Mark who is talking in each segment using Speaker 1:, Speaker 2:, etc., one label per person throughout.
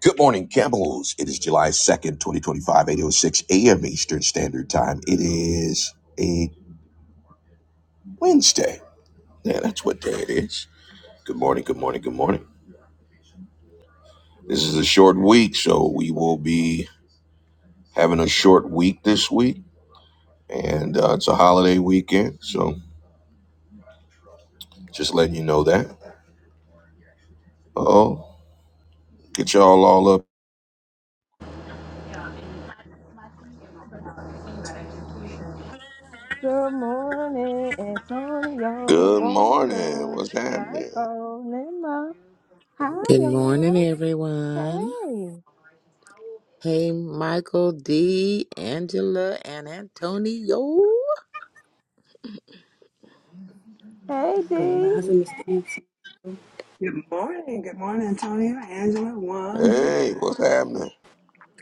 Speaker 1: Good morning, camels. It is July 2nd, eight oh six a.m. Eastern Standard Time. It is a Wednesday. Yeah, that's what day it is. Good morning, good morning, good morning. This is a short week, so we will be having a short week this week, and uh, it's a holiday weekend, so just letting you know that. Oh, get y'all all up.
Speaker 2: Good morning, Antonio,
Speaker 1: Good morning.
Speaker 2: Wanda,
Speaker 1: What's happening?
Speaker 2: Michael, Nima. Hi,
Speaker 3: Good morning,
Speaker 2: y'all.
Speaker 3: everyone.
Speaker 2: Hey.
Speaker 3: Hey, Michael D, Angela, and Antonio.
Speaker 2: Hey, D.
Speaker 4: Grand
Speaker 5: Good
Speaker 4: Rising, Mr. Anson.
Speaker 5: morning. Good morning, Antonio, Angela, Wanda.
Speaker 1: Hey, what's happening?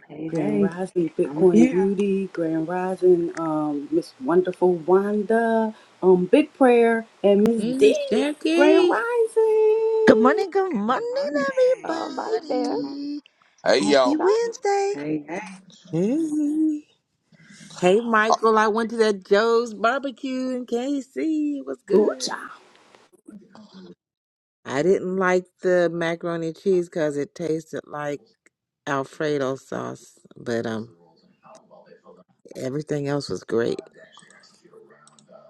Speaker 5: Hey,
Speaker 4: Grand
Speaker 5: hey.
Speaker 4: Rising,
Speaker 5: I'm
Speaker 4: Bitcoin
Speaker 5: here.
Speaker 4: Beauty. Grand Rising, um, Miss Wonderful Wanda. Um, Big Prayer and Miss
Speaker 3: Hey, Miss
Speaker 4: D. Grand
Speaker 3: Jackie.
Speaker 6: Good
Speaker 4: Rising.
Speaker 6: morning, good morning,
Speaker 5: Good morning.
Speaker 2: All right, there.
Speaker 5: Good morning.
Speaker 6: everybody.
Speaker 1: Hey,
Speaker 6: Happy
Speaker 1: y'all.
Speaker 2: Stop.
Speaker 6: Wednesday.
Speaker 5: Hey, hey.
Speaker 3: Hey. Hey, Michael. I went to that Joe's barbecue in KC. It was good.
Speaker 4: Ooh-cha.
Speaker 3: I didn't like the macaroni and cheese because it tasted like Alfredo sauce, but um, everything else was great.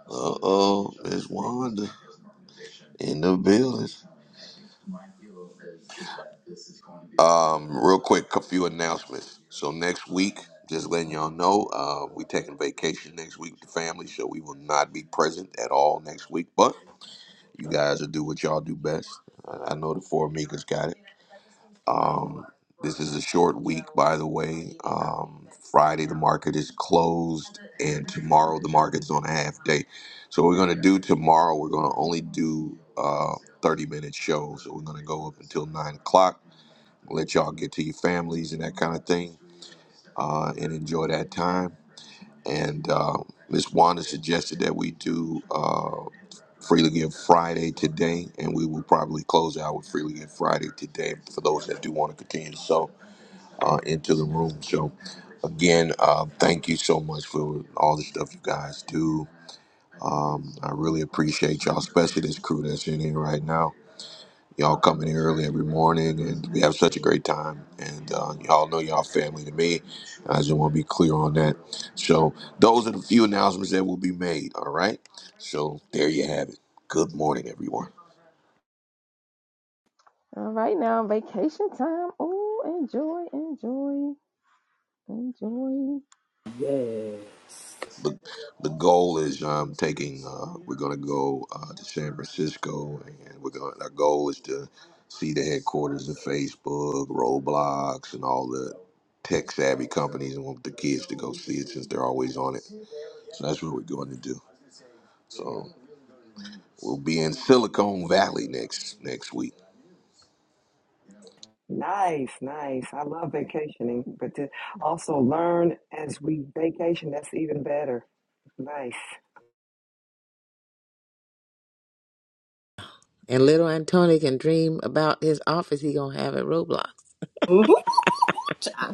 Speaker 1: Uh-oh, Miss Wanda in the building. Um, real quick, a few announcements. So next week, just letting y'all know, uh, we taking vacation next week with the family, so we will not be present at all next week. But you guys will do what y'all do best. I, I know the four amigos got it. Um, this is a short week, by the way. Um, Friday the market is closed, and tomorrow the market's on a half day. So what we're gonna do tomorrow. We're gonna only do uh, thirty minute shows. So we're gonna go up until nine o'clock let y'all get to your families and that kind of thing uh, and enjoy that time. And uh, Miss Wanda suggested that we do uh, Freely Give Friday today, and we will probably close out with Freely Give Friday today for those that do want to continue to sow uh, into the room. So, again, uh, thank you so much for all the stuff you guys do. Um, I really appreciate y'all, especially this crew that's in here right now. Y'all coming here early every morning, and we have such a great time. And uh, y'all know y'all family to me. I just want to be clear on that. So those are the few announcements that will be made. All right. So there you have it. Good morning, everyone.
Speaker 2: All right, now vacation time. Oh, enjoy, enjoy, enjoy.
Speaker 4: Yes.
Speaker 1: The, the goal is um, taking. Uh, we're gonna go uh, to San Francisco, and we're going. to Our goal is to see the headquarters of Facebook, Roblox, and all the tech savvy companies and want the kids to go see it since they're always on it. So that's what we're going to do. So we'll be in Silicon Valley next next week.
Speaker 5: Nice, nice. I love vacationing, but to also learn as we vacation, that's even better. Nice.
Speaker 3: And little Antonio can dream about his office he gonna have at Roblox.
Speaker 4: Ooh-hoo.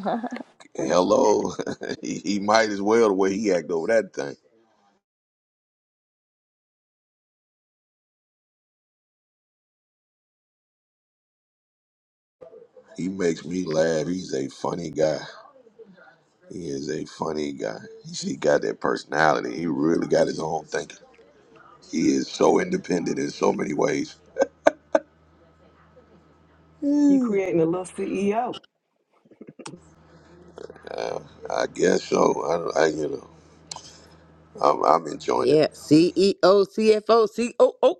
Speaker 1: Hello, he, he might as well the way he act over that thing. He makes me laugh. He's a funny guy. He is a funny guy. He got that personality. He really got his own thinking. He is so independent in so many ways.
Speaker 5: You creating a little CEO.
Speaker 1: Uh, I guess so. I, I you know, I'm, I'm enjoying it.
Speaker 3: Yeah, CEO, CFO, COO.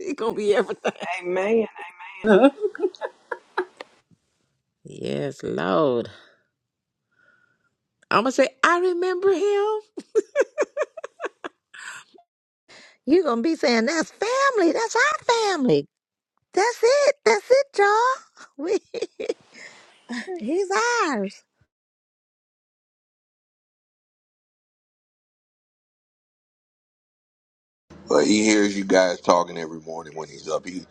Speaker 3: It's gonna be everything.
Speaker 5: Amen. Amen.
Speaker 3: Yes, Lord. I'm gonna say I remember him.
Speaker 6: You're going to be saying, that's family. That's our family. That's it. That's it, y'all. We, he's ours.
Speaker 1: But he hears you guys talking every morning when he's up. He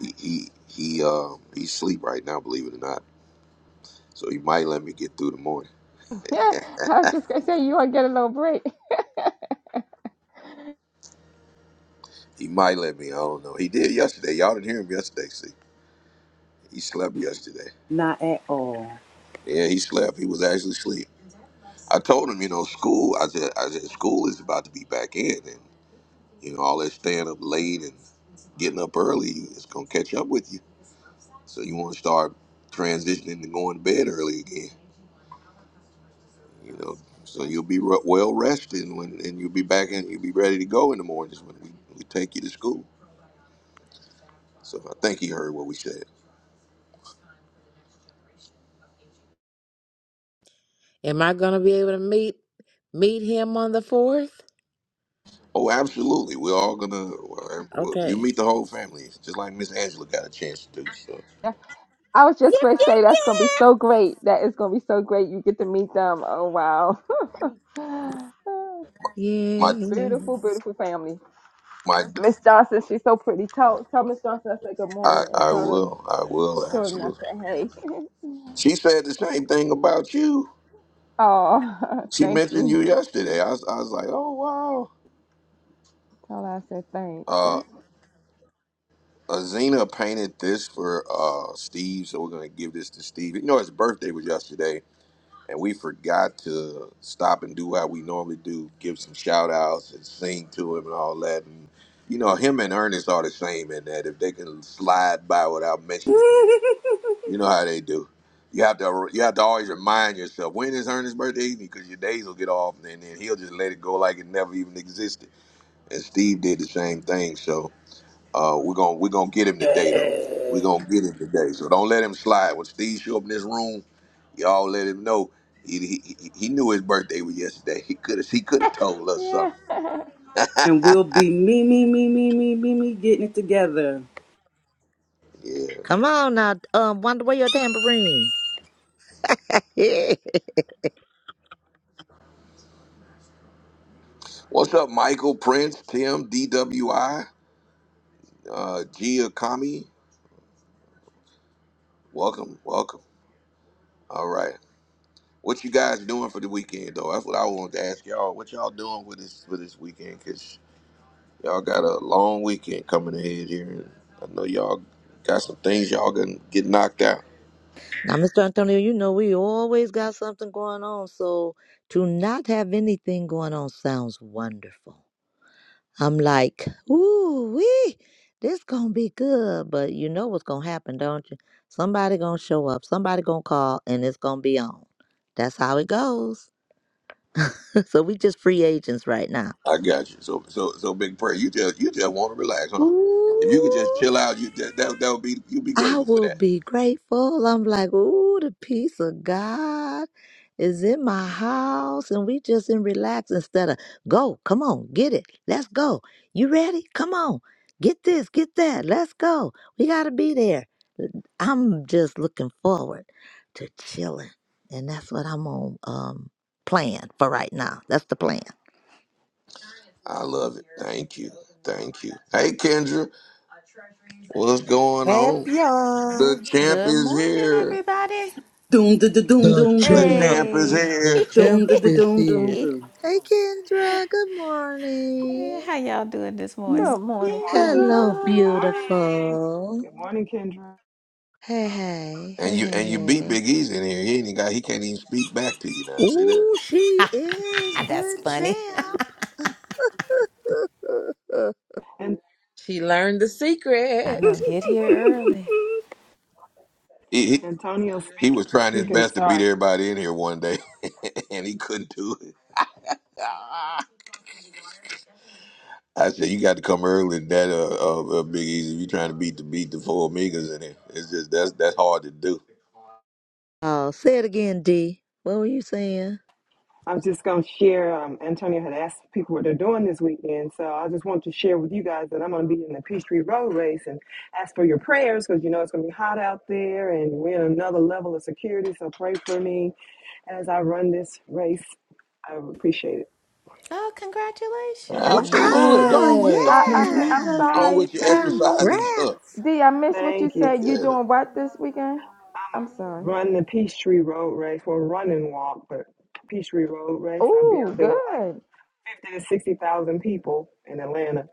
Speaker 1: he he he um he's sleep right now, believe it or not. So he might let me get through the morning.
Speaker 2: yeah, I was just going to say, you want to get a little break.
Speaker 1: He might let me. I don't know. He did yesterday. Y'all didn't hear him yesterday. See, he slept yesterday.
Speaker 4: Not at all.
Speaker 1: Yeah, he slept. He was actually asleep. I told him, you know, school. I said, I said, school is about to be back in, and you know, all that staying up late and getting up early is gonna catch up with you. So you want to start transitioning to going to bed early again. You know, so you'll be re- well rested when, and you'll be back and you'll be ready to go in the mornings when we, we take you to school. So I think he heard what we said.
Speaker 3: Am I gonna be able to meet meet him on the fourth?
Speaker 1: Oh, absolutely. We're all gonna. Well, well, you
Speaker 3: Okay.
Speaker 1: meet the whole family, just like Miss Angela got a chance to do. So
Speaker 2: I was just
Speaker 3: Yep,
Speaker 2: going
Speaker 3: yep,
Speaker 2: say, that's going to be
Speaker 3: yep.
Speaker 2: so great. That is going to be so great. You get to meet them. Oh, wow.
Speaker 1: my
Speaker 3: Yeah.
Speaker 2: beautiful, beautiful family.
Speaker 1: my,
Speaker 2: Miss Johnson, she's so pretty. Tell tell Miss Johnson I said good
Speaker 1: I
Speaker 2: morning and
Speaker 1: I
Speaker 2: tell the
Speaker 1: will I will
Speaker 2: children I
Speaker 1: absolutely.
Speaker 2: said hey.
Speaker 1: She said the same thing about you.
Speaker 2: Oh,
Speaker 1: She
Speaker 2: thank
Speaker 1: mentioned
Speaker 2: you.
Speaker 1: you yesterday. I was, I was like, oh wow.
Speaker 2: Tell her I said thanks.
Speaker 1: Uh, Azina painted this for uh Steve, so we're gonna give this to Steve. You know his birthday was yesterday, and we forgot to stop and do what we normally do, give some shout outs and sing to him and all that. And you know, him and Ernest are the same in that if they can slide by without mentioning it, you know how they do. You have to you have to always remind yourself when is Ernest's birthday evening because your days will get off and then he'll just let it go like it never even existed. And Steve did the same thing, so uh, we're gonna we're gonna get him today though. We're
Speaker 4: yes.
Speaker 1: gonna get him today. So don't let him slide. When Steve show up in this room, y'all let him know. He, he, he he knew his birthday was yesterday. He could have he could have told us
Speaker 2: Yeah.
Speaker 1: something.
Speaker 4: And we'll be me, me, me, me, me, me, me getting it together.
Speaker 1: Yeah.
Speaker 6: Come on now, um, Wonder, where your tambourine? now,
Speaker 1: What's up, Michael Prince, Tim, DWI, uh, Gia Kami? Welcome, welcome. All right. What you guys doing for the weekend though? That's what I wanted to ask y'all. What y'all doing with this for this weekend? Y'all got a long weekend coming ahead here, and I know y'all got some things y'all gonna get knocked out.
Speaker 6: Mr. Antonio, you know we always got something going on, so to not have anything going on sounds wonderful. I'm like, ooh, wee, this gonna be good. But you know what's gonna happen, don't you? Somebody gonna show up, somebody gonna call, and it's gonna be on. That's how it goes. so we just free agents right now.
Speaker 1: I got you. So, so, so, big prayer. You just, you just want to relax, huh? If you could
Speaker 6: Ooh.
Speaker 1: just chill out, you that that that would be you'd be
Speaker 6: I
Speaker 1: grateful for
Speaker 6: will
Speaker 1: that.
Speaker 6: be grateful. I'm like, ooh, the peace of God is in my house, and we just in relax instead of go, come on, get it, let's go. You ready? Come on, get this, get that, let's go. We gotta be there. I'm just looking forward to chilling, and that's what I'm on um plan for right now. That's the plan.
Speaker 1: I love it. Thank you. Thank you. Hey, Kendra, what's going on? The
Speaker 3: Champion.
Speaker 1: champ
Speaker 7: Good
Speaker 1: is
Speaker 7: morning,
Speaker 1: here.
Speaker 7: everybody.
Speaker 4: Doom, da, da, doom,
Speaker 6: The
Speaker 4: doom,
Speaker 1: The
Speaker 4: doom.
Speaker 6: champ,
Speaker 1: champ is
Speaker 7: Hey.
Speaker 6: the
Speaker 1: here.
Speaker 4: Doom,
Speaker 6: champ
Speaker 4: da, da,
Speaker 6: is
Speaker 4: doom, doom,
Speaker 6: here.
Speaker 4: doom.
Speaker 6: Hey, Kendra. Good
Speaker 7: Hey,
Speaker 6: morning.
Speaker 7: how y'all doing this
Speaker 2: Good
Speaker 4: Miss
Speaker 7: morning?
Speaker 2: morning, Kendra.
Speaker 6: Hello,
Speaker 5: Good
Speaker 4: Kendra.
Speaker 5: morning. Good morning.
Speaker 6: beautiful.
Speaker 5: Good morning, Kendra.
Speaker 6: Hey, hey,
Speaker 1: And
Speaker 6: hey,
Speaker 1: you
Speaker 6: hey,
Speaker 1: and you beat
Speaker 6: hey.
Speaker 1: Big Easy in here. He ain't even got. He can't even speak back to you now. See that?
Speaker 6: Ooh, she is
Speaker 7: That's
Speaker 6: the
Speaker 7: funny.
Speaker 6: champ.
Speaker 5: And
Speaker 3: She learned the
Speaker 7: I
Speaker 3: secret.
Speaker 7: know, get here early.
Speaker 1: He, he
Speaker 5: Antonio
Speaker 1: He
Speaker 5: speak,
Speaker 1: was trying his
Speaker 5: speaking.
Speaker 1: best to beat
Speaker 5: Sorry.
Speaker 1: everybody in here one day, and he couldn't do it. I said, "You got to come early, than that uh, uh, uh, Big Easy. If you're trying to beat the beat the four Amigas in it, it's just that's that's hard to do."
Speaker 6: oh, say it again, D. What were you saying?
Speaker 5: I am just going to share. Um, Antonio had asked people what they're doing this weekend, so I just want to share with you guys that I'm going to be in the Peachtree Road Race and ask for your prayers because you know it's going to be hot out there and we're in another level of security. So pray for me as I run this race. I would appreciate it.
Speaker 7: Oh, congratulations.
Speaker 1: Absolutely, go
Speaker 6: Wow,
Speaker 1: on with go
Speaker 4: Yes,
Speaker 2: I,
Speaker 1: on with
Speaker 2: I'm
Speaker 1: your
Speaker 2: I'm
Speaker 5: Thank,
Speaker 6: yeah.
Speaker 1: go
Speaker 5: thank
Speaker 1: on
Speaker 5: you,
Speaker 4: congratulations.
Speaker 1: with
Speaker 2: sorry.
Speaker 1: your
Speaker 5: thank you,
Speaker 1: exercise and stuff.
Speaker 6: Congrats.
Speaker 2: D, I missed what you
Speaker 5: thank you.
Speaker 2: said. You
Speaker 1: Yeah.
Speaker 2: doing what this weekend?
Speaker 5: I'm
Speaker 2: I'm
Speaker 5: gonna
Speaker 2: sorry.
Speaker 5: run the Peachtree Road Race, well, run and walk, but Peachtree Road Race. I'll be
Speaker 2: Oh,
Speaker 5: out there with like
Speaker 2: good.
Speaker 5: fifty to sixty thousand people in Atlanta.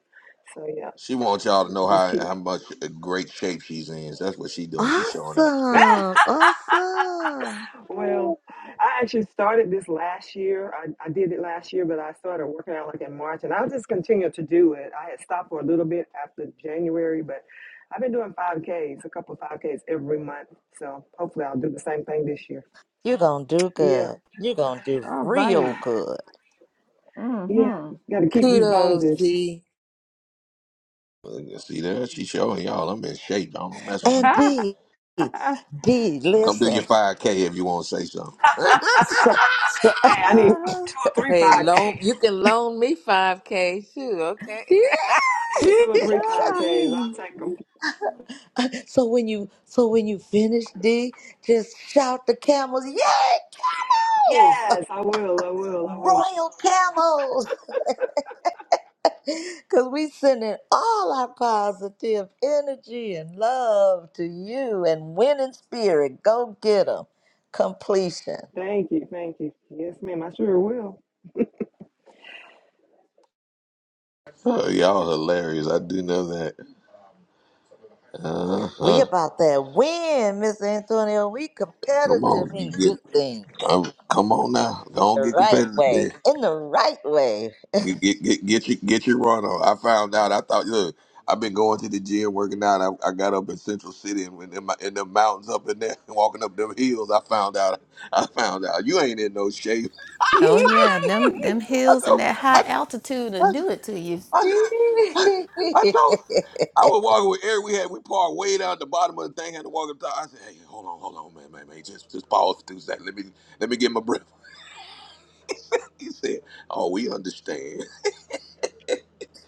Speaker 5: So yeah,
Speaker 1: She wants y'all to know
Speaker 5: just
Speaker 1: how
Speaker 5: keep
Speaker 1: how
Speaker 5: me.
Speaker 1: much uh, great shape she's in. That's what she doing. She's showing out.
Speaker 6: Awesome. Awesome.
Speaker 5: well, I actually started this last year. I, I did it last year, but I started working out like in March, and I just continued to do it. I had stopped for a little bit after January, but I've been doing 5Ks, a couple of 5Ks every month. So hopefully I'll do the same thing this year.
Speaker 6: You're going to do
Speaker 5: Yeah,
Speaker 6: good. You're going to do
Speaker 2: All
Speaker 6: real
Speaker 2: right.
Speaker 6: good.
Speaker 5: yeah.
Speaker 2: Mm-hmm.
Speaker 5: Got to keep these bones
Speaker 3: Kudos,
Speaker 5: in. sh-
Speaker 3: D.
Speaker 1: Look, See there, she showing y'all. I'm in shape. Y'all Don't mess with me.
Speaker 6: And D,
Speaker 2: uh,
Speaker 6: D,
Speaker 1: Come do your
Speaker 6: listen.
Speaker 1: 5K if you want to say something.
Speaker 6: So, so
Speaker 5: Hey, I need
Speaker 2: I
Speaker 5: two or three
Speaker 3: Hey,
Speaker 5: 5Ks.
Speaker 3: loan. You can loan me five k too. Okay.
Speaker 5: I need two or three
Speaker 2: hear
Speaker 5: 5Ks. I'll
Speaker 2: you.
Speaker 5: take them.
Speaker 6: So when you so when you finish D, just shout the camels, yay, camels!
Speaker 5: Yes, I will. I will. I will.
Speaker 6: Royal camels! Cause we sending all our positive energy and love to you and winning spirit. Go get 'em. Completion.
Speaker 5: Thank you. Thank you. Yes, ma'am. I sure will.
Speaker 1: Oh, y'all hilarious. I do know that.
Speaker 6: We
Speaker 1: Uh-huh.
Speaker 6: about that win, Miss Antonio. We
Speaker 1: Come
Speaker 6: competitive
Speaker 1: on, you
Speaker 6: in
Speaker 1: get
Speaker 6: good things.
Speaker 1: um, come on now.
Speaker 6: In
Speaker 1: Don't
Speaker 6: the
Speaker 1: get
Speaker 6: right
Speaker 1: competitive
Speaker 6: way.
Speaker 1: there.
Speaker 6: In the right way.
Speaker 1: Get get get get your get your run on. I found out. I thought look, I've been going to the gym working out. I, I got up in Central City and in, my, in the mountains up in there walking up them hills. I found out. I found out you ain't in no shape.
Speaker 7: Oh yeah, them them
Speaker 1: I
Speaker 7: hills and
Speaker 1: told
Speaker 7: that
Speaker 1: I
Speaker 7: high altitude will
Speaker 1: I
Speaker 7: do it to you.
Speaker 1: I, I I told. I was walking with Eric. We had we parked way down at the bottom of the thing. Had to walk up top. I said, "Hey, hold on, hold on, man, man, man. Just just pause for two seconds. Let me let me get my breath. He said, "Oh, we understand.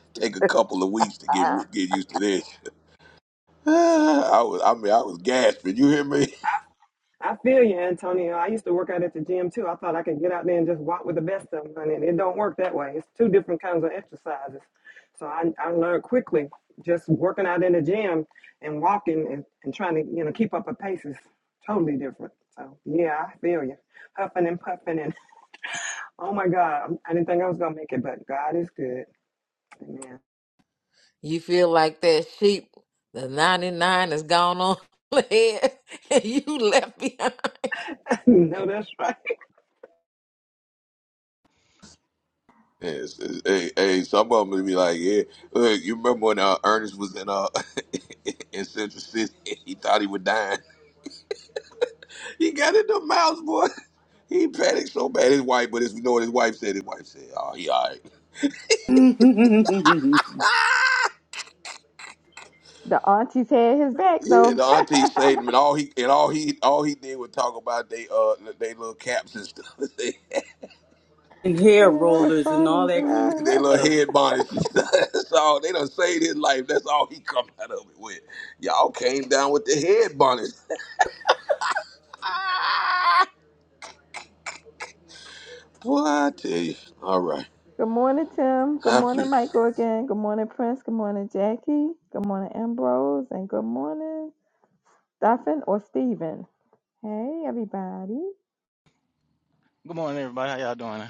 Speaker 1: Take a couple of weeks to get re- get used to this." I was, I mean, I was gasping. You hear me?
Speaker 5: I feel you, Antonio. I used to work out at the gym too. I thought I could get out there and just walk with the best of them, and it don't work that way. It's two different kinds of exercises. So I, I learned quickly just working out in the gym and walking and, and trying to you know keep up a pace is totally different. So yeah, I feel you, huffing and puffing and oh my God, I'm- I didn't think I was gonna make it, but God is good. Amen.
Speaker 3: You feel like that sheep, the 99 is gone on ahead, and you left behind.
Speaker 5: no, that's right,
Speaker 1: Yes, yes. hey, hey, some of them would be like, "Yeah, look, you remember when uh, Ernest was in uh in Central City? He thought he was dying. He got in the mouse boy. He panicked so bad. His wife, but his, you know what his wife said? His wife said, "Oh, he all right."
Speaker 4: and
Speaker 2: The auntie's had his back
Speaker 1: Yeah,
Speaker 2: though.
Speaker 1: the auntie saved him, and all he and all he all he did was talk about they uh they little caps and stuff.
Speaker 2: Yeah,
Speaker 4: hair
Speaker 2: that was
Speaker 4: rollers and all
Speaker 2: funny.
Speaker 4: that crazy
Speaker 1: they little
Speaker 4: stuff.
Speaker 1: head bonnets. and stuff. That's all. They done saved his life. That's all he come out of it with. Y'all came down with the head bonnets. Ah, Boy, I tell you. All right.
Speaker 2: Good morning, Tim. Good
Speaker 1: Happy.
Speaker 2: morning, Michael again. Good morning, Prince. Good morning, Jackie. Good morning, Ambrose. And good morning, Stephen or Steven. Hey, everybody.
Speaker 8: Good morning, everybody. How y'all doing?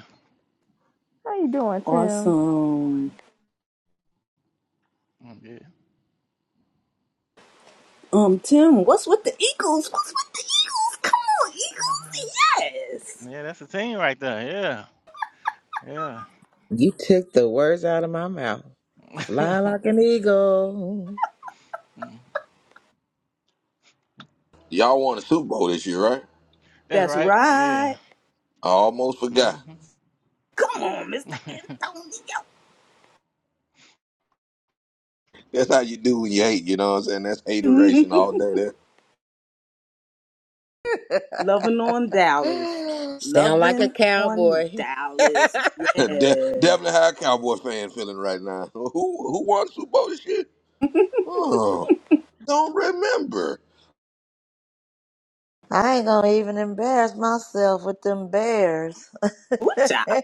Speaker 2: How you doing, Tim?
Speaker 4: Awesome.
Speaker 8: I'm good.
Speaker 4: Um, Tim, what's with the Eagles? What's with the Eagles? Come on,
Speaker 8: Uh-huh.
Speaker 4: Eagles. Yes.
Speaker 8: Yeah, that's the team right there. Yeah,
Speaker 3: You took the words out of my mouth.
Speaker 8: yeah.
Speaker 3: Fly like an eagle.
Speaker 1: Y'all won the Super Bowl this year, right?
Speaker 8: that's
Speaker 4: That's
Speaker 8: right. Yeah.
Speaker 4: right.
Speaker 1: I almost
Speaker 8: hmm
Speaker 1: forgot.
Speaker 4: Come on, Mr.
Speaker 1: That's how you do when you hate, you know what I'm saying? That's
Speaker 4: Antonio.
Speaker 1: hateration all day
Speaker 4: Loving on Dallas.
Speaker 3: Sound like a
Speaker 4: Loving on
Speaker 3: cowboy.
Speaker 4: Dallas.
Speaker 1: there. De-
Speaker 4: Yes.
Speaker 1: definitely how a Cowboy fan feeling right now. Who who won the Super Bowl this year? Oh, don't remember.
Speaker 6: I ain't gonna even embarrass myself with them bears.
Speaker 4: what's up?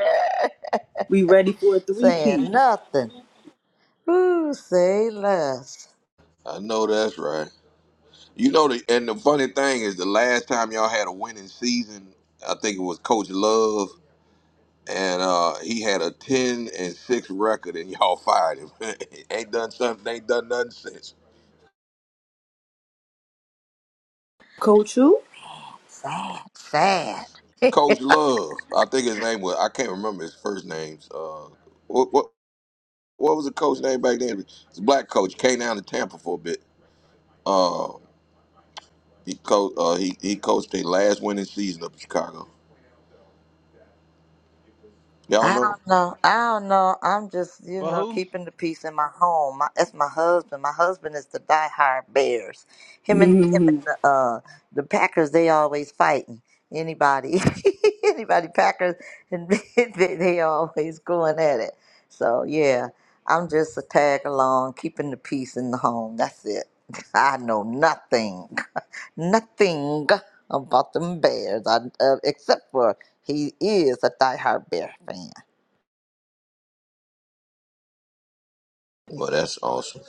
Speaker 4: We ready for a
Speaker 6: Saying
Speaker 4: three-peat.
Speaker 6: nothing. Ooh, say less.
Speaker 1: I know that's right. You know the and the funny thing is the last time y'all had a winning season, I think it was Coach Love, and uh, he had a ten and six record, and y'all fired him. ain't done something, ain't done nothing since.
Speaker 4: Coach who?
Speaker 6: Sad, sad.
Speaker 1: Coach Love, I think his name was I can't remember his first names. Uh, what what what was the coach name back then? It's a black coach came down to Tampa for a bit. Uh, he co- uh, he he coached the last winning season up in Chicago. Y'all
Speaker 6: I
Speaker 1: know?
Speaker 6: don't know. I don't know. I'm just, you
Speaker 8: For
Speaker 6: know,
Speaker 8: who?
Speaker 6: keeping the peace in my home. My, that's my husband. My husband is the diehard Bears. Him and him and the uh, the Packers. They always fighting. Anybody, anybody Packers, and they, they always going at it. So yeah, I'm just a tag along, keeping the peace in the home. That's it. I know nothing, nothing about them Bears, I, uh, except for he is a diehard Bear fan.
Speaker 1: Well, that's awesome.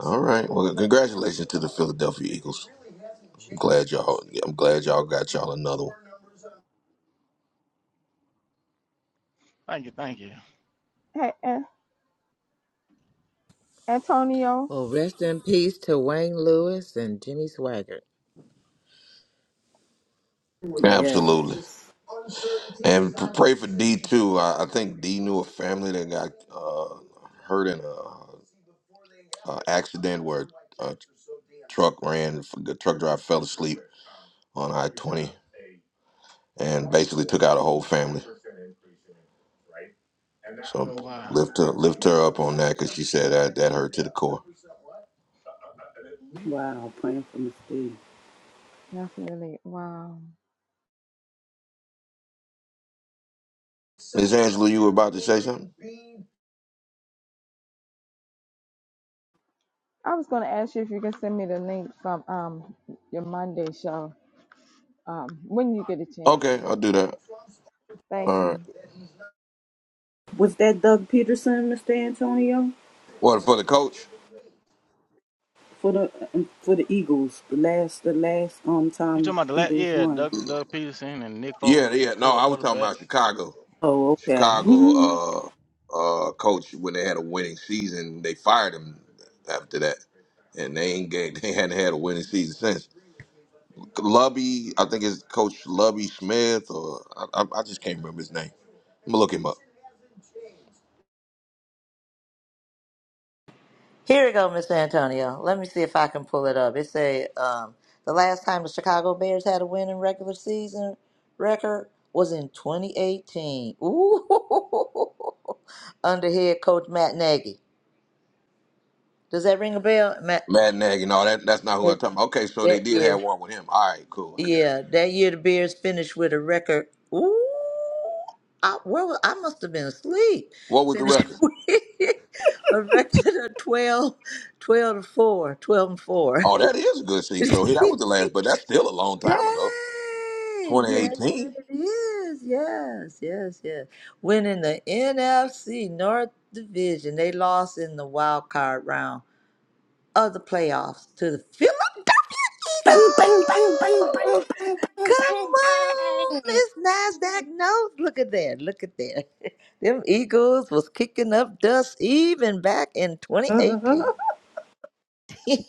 Speaker 1: All right. Well, congratulations to the Philadelphia Eagles. I'm glad y'all. I'm glad y'all got y'all another one.
Speaker 8: Thank you, thank you.
Speaker 2: Hey, An- Antonio.
Speaker 3: well, rest in peace to Wayne Lewis and Jimmy Swaggart.
Speaker 4: Yes.
Speaker 1: Absolutely. And p- pray for D too. I, I think D knew a family that got uh, hurt in a, a accident where a truck ran. The truck driver fell asleep on I twenty and basically took out a whole family. So
Speaker 8: Oh, Wow.
Speaker 1: lift her, lift her up on that because she said that that hurt to the core.
Speaker 4: Wow. Praying for Miss D.
Speaker 2: Definitely. Wow.
Speaker 1: Miss Angela, you were about to say something.
Speaker 2: I was going to ask you if you can send me the link from um your Monday show um when you get a chance.
Speaker 1: Okay, I'll do that.
Speaker 2: Thank
Speaker 1: All right.
Speaker 2: you.
Speaker 4: Was that Doug Peterson, Mr. Antonio,
Speaker 1: What for the coach?
Speaker 4: for the um, for the Eagles? The last, the last um
Speaker 8: You talking
Speaker 4: time
Speaker 8: about the last?
Speaker 4: Eagles
Speaker 8: Yeah,
Speaker 4: won.
Speaker 8: Doug, Doug Peterson and Nick Foles
Speaker 1: Yeah,
Speaker 8: was the
Speaker 1: yeah. No,
Speaker 8: quarter,
Speaker 1: I was talking
Speaker 8: quarterback.
Speaker 1: about Chicago.
Speaker 4: Oh, okay.
Speaker 8: Mm,
Speaker 1: Chicago
Speaker 4: bang,
Speaker 1: uh uh coach when they had a winning season, they fired him after that. And they ain't get, they hadn't had a winning season since. Lubby, I think it's Coach Lubby Smith or I, I, I just can't remember his name. I'm gonna look him up.
Speaker 6: Here we go, Mr. Antonio. Let me see if I can pull it up. It said um, the last time the Chicago Bears had a winning regular season record was in 2018. Ooh, under head coach Matt Nagy. Does that ring a bell, Matt
Speaker 1: Matt Nagy, no, that that's not who I'm
Speaker 6: Nagy?
Speaker 1: talking about. Okay, so they
Speaker 6: That
Speaker 1: did
Speaker 6: year.
Speaker 1: have one with him. All right, cool, I got you.
Speaker 6: Yeah, that year the Bears finished with a record. Ooh, I, where was, I must have been asleep.
Speaker 1: What was the
Speaker 6: Finished
Speaker 1: record?
Speaker 6: with a record of twelve, twelve 12 to 4, twelve and 4.
Speaker 1: Oh, that is a good season. So hey, that was the last, but that's still a long time ago.
Speaker 6: Dang! Yes,
Speaker 1: 2018.
Speaker 6: it is. Yes, yes, yes. Winning the NFC North Division, they lost in the wild card round of the playoffs to the Philadelphia
Speaker 4: bang, bang, bang, bang,
Speaker 6: Eagles.
Speaker 4: bang, bang,
Speaker 6: Come
Speaker 4: bang,
Speaker 6: on,
Speaker 4: bang.
Speaker 6: Miss Nasdaq knows. Look at there. Look at there. Them Eagles was kicking up dust even back in
Speaker 4: Uh,
Speaker 6: 2018.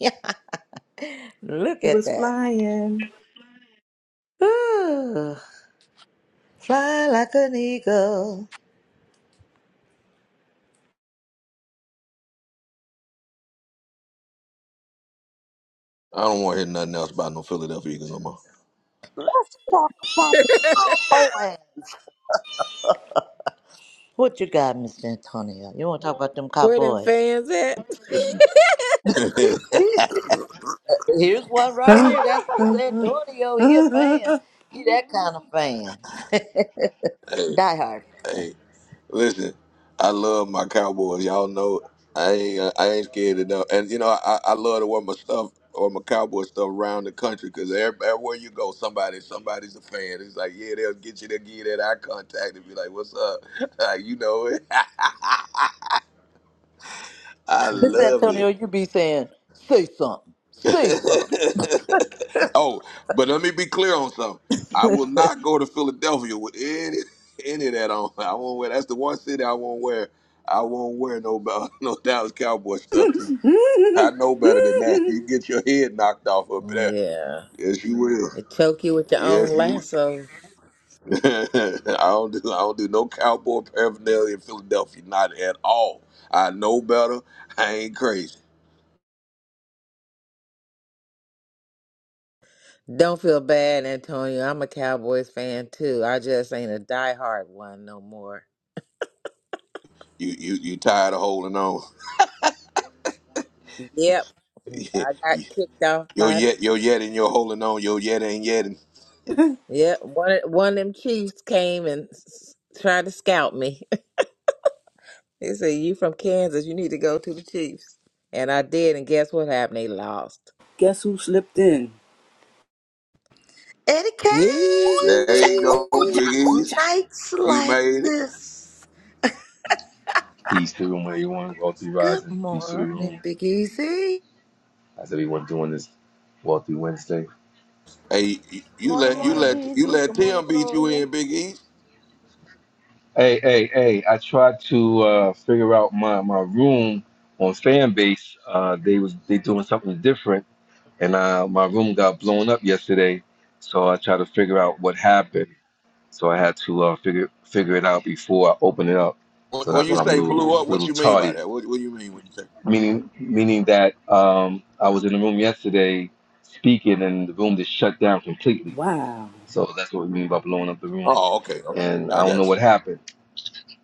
Speaker 6: Look
Speaker 4: he
Speaker 6: at
Speaker 4: was
Speaker 6: that.
Speaker 4: flying.
Speaker 6: Ooh, fly like an eagle.
Speaker 1: I don't want to hear nothing else about no Philadelphia Eagles no more.
Speaker 6: Let's talk about the boys. What you got, Mr. Antonio? You want to talk about them
Speaker 3: Where them
Speaker 6: cowboys?
Speaker 3: fans at?
Speaker 1: hey,
Speaker 6: Here's one right here. That's
Speaker 4: Uh, uh,
Speaker 6: Mr. Antonio.
Speaker 4: uh,
Speaker 6: He a
Speaker 4: uh,
Speaker 6: fan.
Speaker 4: uh.
Speaker 6: He that kind of fan. Die hard.
Speaker 1: hey, listen, I love my Cowboys. Y'all know I ain't I ain't scared of them. And you know I, I love to wear my stuff or my Cowboy stuff around the country because everywhere you go, somebody somebody's a fan. It's like yeah, they'll get you, they'll give you that eye contact and be like, "What's up?" Like, you know it. I
Speaker 6: Mr.
Speaker 1: love it.
Speaker 6: Antonio, you be saying, say something. Say something.
Speaker 1: oh, but let me be clear on something. I will not go to Philadelphia with any any of that on. I won't wear. That's the one city I won't wear. I won't wear no Bal- no Dallas Cowboy stuff. To.
Speaker 4: Mm,
Speaker 1: I know better than that.
Speaker 4: mm.
Speaker 1: You get your head knocked off up
Speaker 3: oh,
Speaker 1: there.
Speaker 3: yeah.
Speaker 1: Yes, you will.
Speaker 3: They choke you with your own
Speaker 1: Yes, you. Will.
Speaker 3: lasso.
Speaker 1: I don't do. I don't do no cowboy paraphernalia in Philadelphia. Not at all. I know better. I ain't crazy.
Speaker 3: Don't feel bad, Antonio. I'm a Cowboys fan too. I just ain't a diehard one no more.
Speaker 1: You you you tired of holding on?
Speaker 3: Yep. I got kicked off
Speaker 1: Yo
Speaker 3: by
Speaker 1: yet, yo yet, and yo holding on, yo yet and yet.
Speaker 3: Yep. One of- one of them Chiefs came and s- tried to scout me. They said, You from Kansas, you need to go to the Chiefs. And I did, and guess what happened? They lost.
Speaker 4: Guess who slipped in?
Speaker 6: Eddie Kane,
Speaker 1: There
Speaker 4: Cha,
Speaker 1: you
Speaker 4: ooh,
Speaker 1: go,
Speaker 4: cha,
Speaker 1: Big
Speaker 3: Easy.
Speaker 4: ooh,
Speaker 1: East.
Speaker 4: cha.
Speaker 6: nights
Speaker 1: He
Speaker 6: like
Speaker 1: made it.
Speaker 6: this.
Speaker 9: Peace to the room, everyone. Wealthy
Speaker 6: Good
Speaker 9: rising. Peace to the
Speaker 6: morning,
Speaker 9: room.
Speaker 6: Big Easy.
Speaker 9: How's everyone doing this Wealthy Wednesday?
Speaker 1: Hey, you you
Speaker 8: Good
Speaker 2: morning,
Speaker 1: let you
Speaker 2: morning,
Speaker 8: morning.
Speaker 1: let you
Speaker 2: Easy.
Speaker 1: let
Speaker 2: Good morning,
Speaker 1: Tim beat you
Speaker 2: Gloria.
Speaker 1: in, Big East.
Speaker 9: Hey, hey, hey! I tried to uh, figure out my, my room on Fanbase. Uh, they was they doing something different, and uh, my room got blown up yesterday. So I tried to figure out what happened. So I had to uh, figure figure it out before I open it up.
Speaker 1: When
Speaker 9: So
Speaker 1: when
Speaker 9: that's
Speaker 1: you
Speaker 9: why I'm a
Speaker 1: say
Speaker 9: little
Speaker 1: blew
Speaker 4: Wow.
Speaker 1: up, what
Speaker 9: little
Speaker 1: you mean by
Speaker 9: tardy.
Speaker 1: that? What, what do you mean when you say?
Speaker 9: Meaning meaning that um, I was in the room yesterday speaking, and the room just shut down completely.
Speaker 4: Wow.
Speaker 9: So that's what we mean by blowing up the room.
Speaker 1: Oh, okay, okay,
Speaker 9: And I
Speaker 1: I
Speaker 9: don't know
Speaker 1: got
Speaker 9: what
Speaker 1: you.
Speaker 9: happened.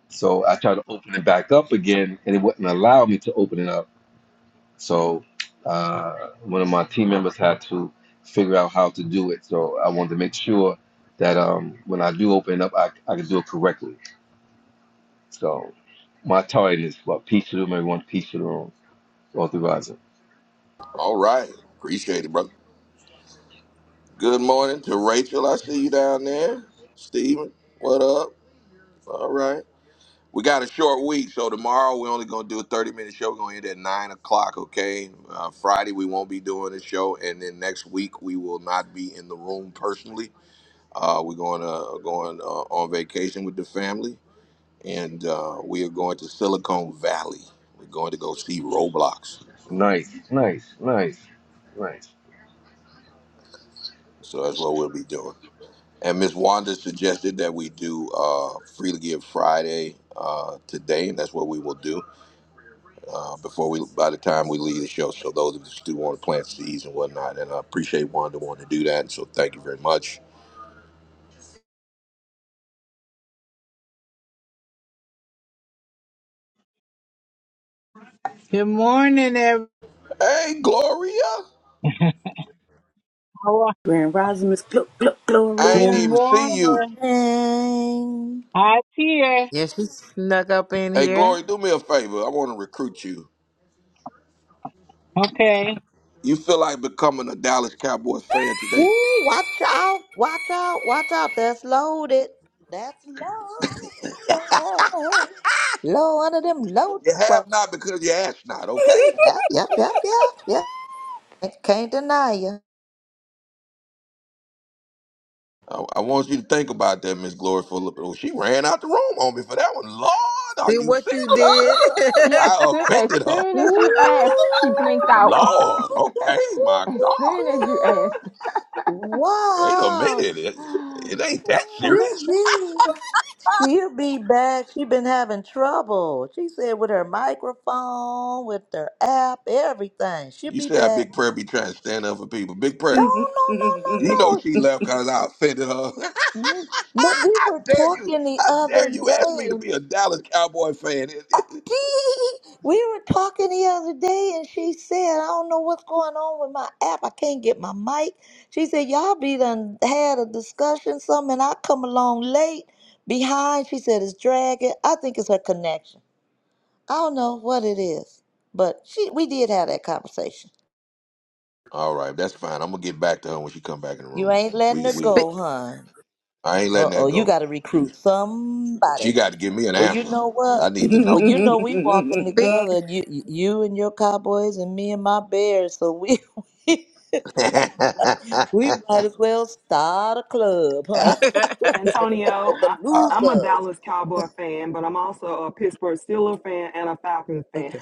Speaker 9: So I tried to open it back up again, and it wouldn't allow me to open it up. So uh, one of my team members had to figure out how to do it. So I wanted to make sure that um, when I do open it up, I, I can do it correctly. So my target is what peace to the room, everyone, peace to the room, authorizer.
Speaker 1: All right, appreciate it, brother. Good morning to Rachel. I see you down there, Steven. What up? All right. We got a short week, so tomorrow we're only going to do a 30 minute show. We're going to end at 9 o'clock, okay? Uh, Friday, we won't be doing a show. And then next week, we will not be in the room personally. Uh, we're going to going uh, on vacation with the family, and uh, we are going to Silicon Valley. We're going to go see Roblox.
Speaker 9: Nice, nice, nice, nice.
Speaker 1: So that's what we'll be doing. And Miss Wanda suggested that we do uh, Freely Give Friday uh, today, and that's what we will do. uh, before we by the time we leave the show. So those of us who want to plant seeds and whatnot, and I appreciate Wanda wanting to do that. And so thank you very much.
Speaker 10: Good morning, everyone.
Speaker 1: Hey Gloria,
Speaker 4: Grand Rosalind is gl- gl-
Speaker 1: I
Speaker 6: Good
Speaker 10: Good
Speaker 1: ain't
Speaker 4: Gloria.
Speaker 1: even see you.
Speaker 10: morning.
Speaker 6: morning.
Speaker 10: I here.
Speaker 3: Yeah, she snuck up in
Speaker 1: Hey
Speaker 3: here.
Speaker 1: Gloria, do me a favor. I want to recruit you.
Speaker 10: Okay.
Speaker 1: You feel like becoming a Dallas Cowboys fan today?
Speaker 6: Ooh, watch out, watch out, watch out. That's loaded. That's loaded. Low under them loaded
Speaker 1: You have
Speaker 6: questions.
Speaker 1: not because you asked not. Okay.
Speaker 6: Yep, yep, yep, yep, yep. Can't can't deny you.
Speaker 1: I, I want you to think about that, Miss Gloria. For a little- oh, she ran out the room on me for that one. Lord, are
Speaker 3: See
Speaker 1: you
Speaker 3: what you
Speaker 1: serious?
Speaker 3: did.
Speaker 2: Yeah, as
Speaker 1: I
Speaker 2: soon as,
Speaker 1: offended her.
Speaker 2: soon as you
Speaker 6: Ooh.
Speaker 2: asked, she blinked out.
Speaker 1: Lord, okay, my
Speaker 2: As
Speaker 1: God.
Speaker 2: soon as you asked,
Speaker 1: Wait a
Speaker 6: Wow.
Speaker 1: minute. It, it ain't that serious.
Speaker 6: Mm-hmm. She'll be back. She been having trouble. She said with her microphone, with her app, everything. She'll
Speaker 1: You
Speaker 6: be
Speaker 1: see how
Speaker 6: back.
Speaker 1: Big Prayer be trying to stand up for people. Big
Speaker 6: No,
Speaker 1: Prayer,
Speaker 6: no,
Speaker 1: you know
Speaker 6: no, no,
Speaker 1: she left because I offended her. how
Speaker 6: no. Mm, No, we were
Speaker 1: dare you?
Speaker 6: talking the
Speaker 1: How dare
Speaker 6: other
Speaker 1: you ask me
Speaker 6: day
Speaker 1: to
Speaker 6: and
Speaker 1: be a Dallas Cowboy fan? It- it-
Speaker 6: we were talking the other day and she said, I don't know what's going on with my app. I can't get my mic. She said, Y'all be done had a discussion, something, and I come along late behind. She said it's dragging. I think it's her connection. I don't know what it is, but she we did have that conversation.
Speaker 1: All right, that's fine. I'm gonna get back to her when she come back in the
Speaker 6: You
Speaker 1: room.
Speaker 6: ain't letting
Speaker 1: We
Speaker 6: her
Speaker 1: we
Speaker 6: go, hon.
Speaker 1: I ain't letting
Speaker 6: Uh oh,
Speaker 1: that
Speaker 6: you
Speaker 1: go.
Speaker 6: got to recruit
Speaker 1: She
Speaker 6: somebody.
Speaker 1: got to give me an
Speaker 6: Well, you
Speaker 1: answer.
Speaker 6: know
Speaker 1: I
Speaker 6: what?
Speaker 1: need to know.
Speaker 6: Well, you know we walking
Speaker 3: Speak. speak.
Speaker 6: together. You you and your cowboys and me and my bears. So we we, might as well start a club, huh?
Speaker 5: Antonio. I,
Speaker 6: The
Speaker 1: Uh,
Speaker 5: I'm a
Speaker 6: losers.
Speaker 5: Dallas Cowboy fan, but I'm also a Pittsburgh Steelers fan and a Falcons fan.
Speaker 6: Okay.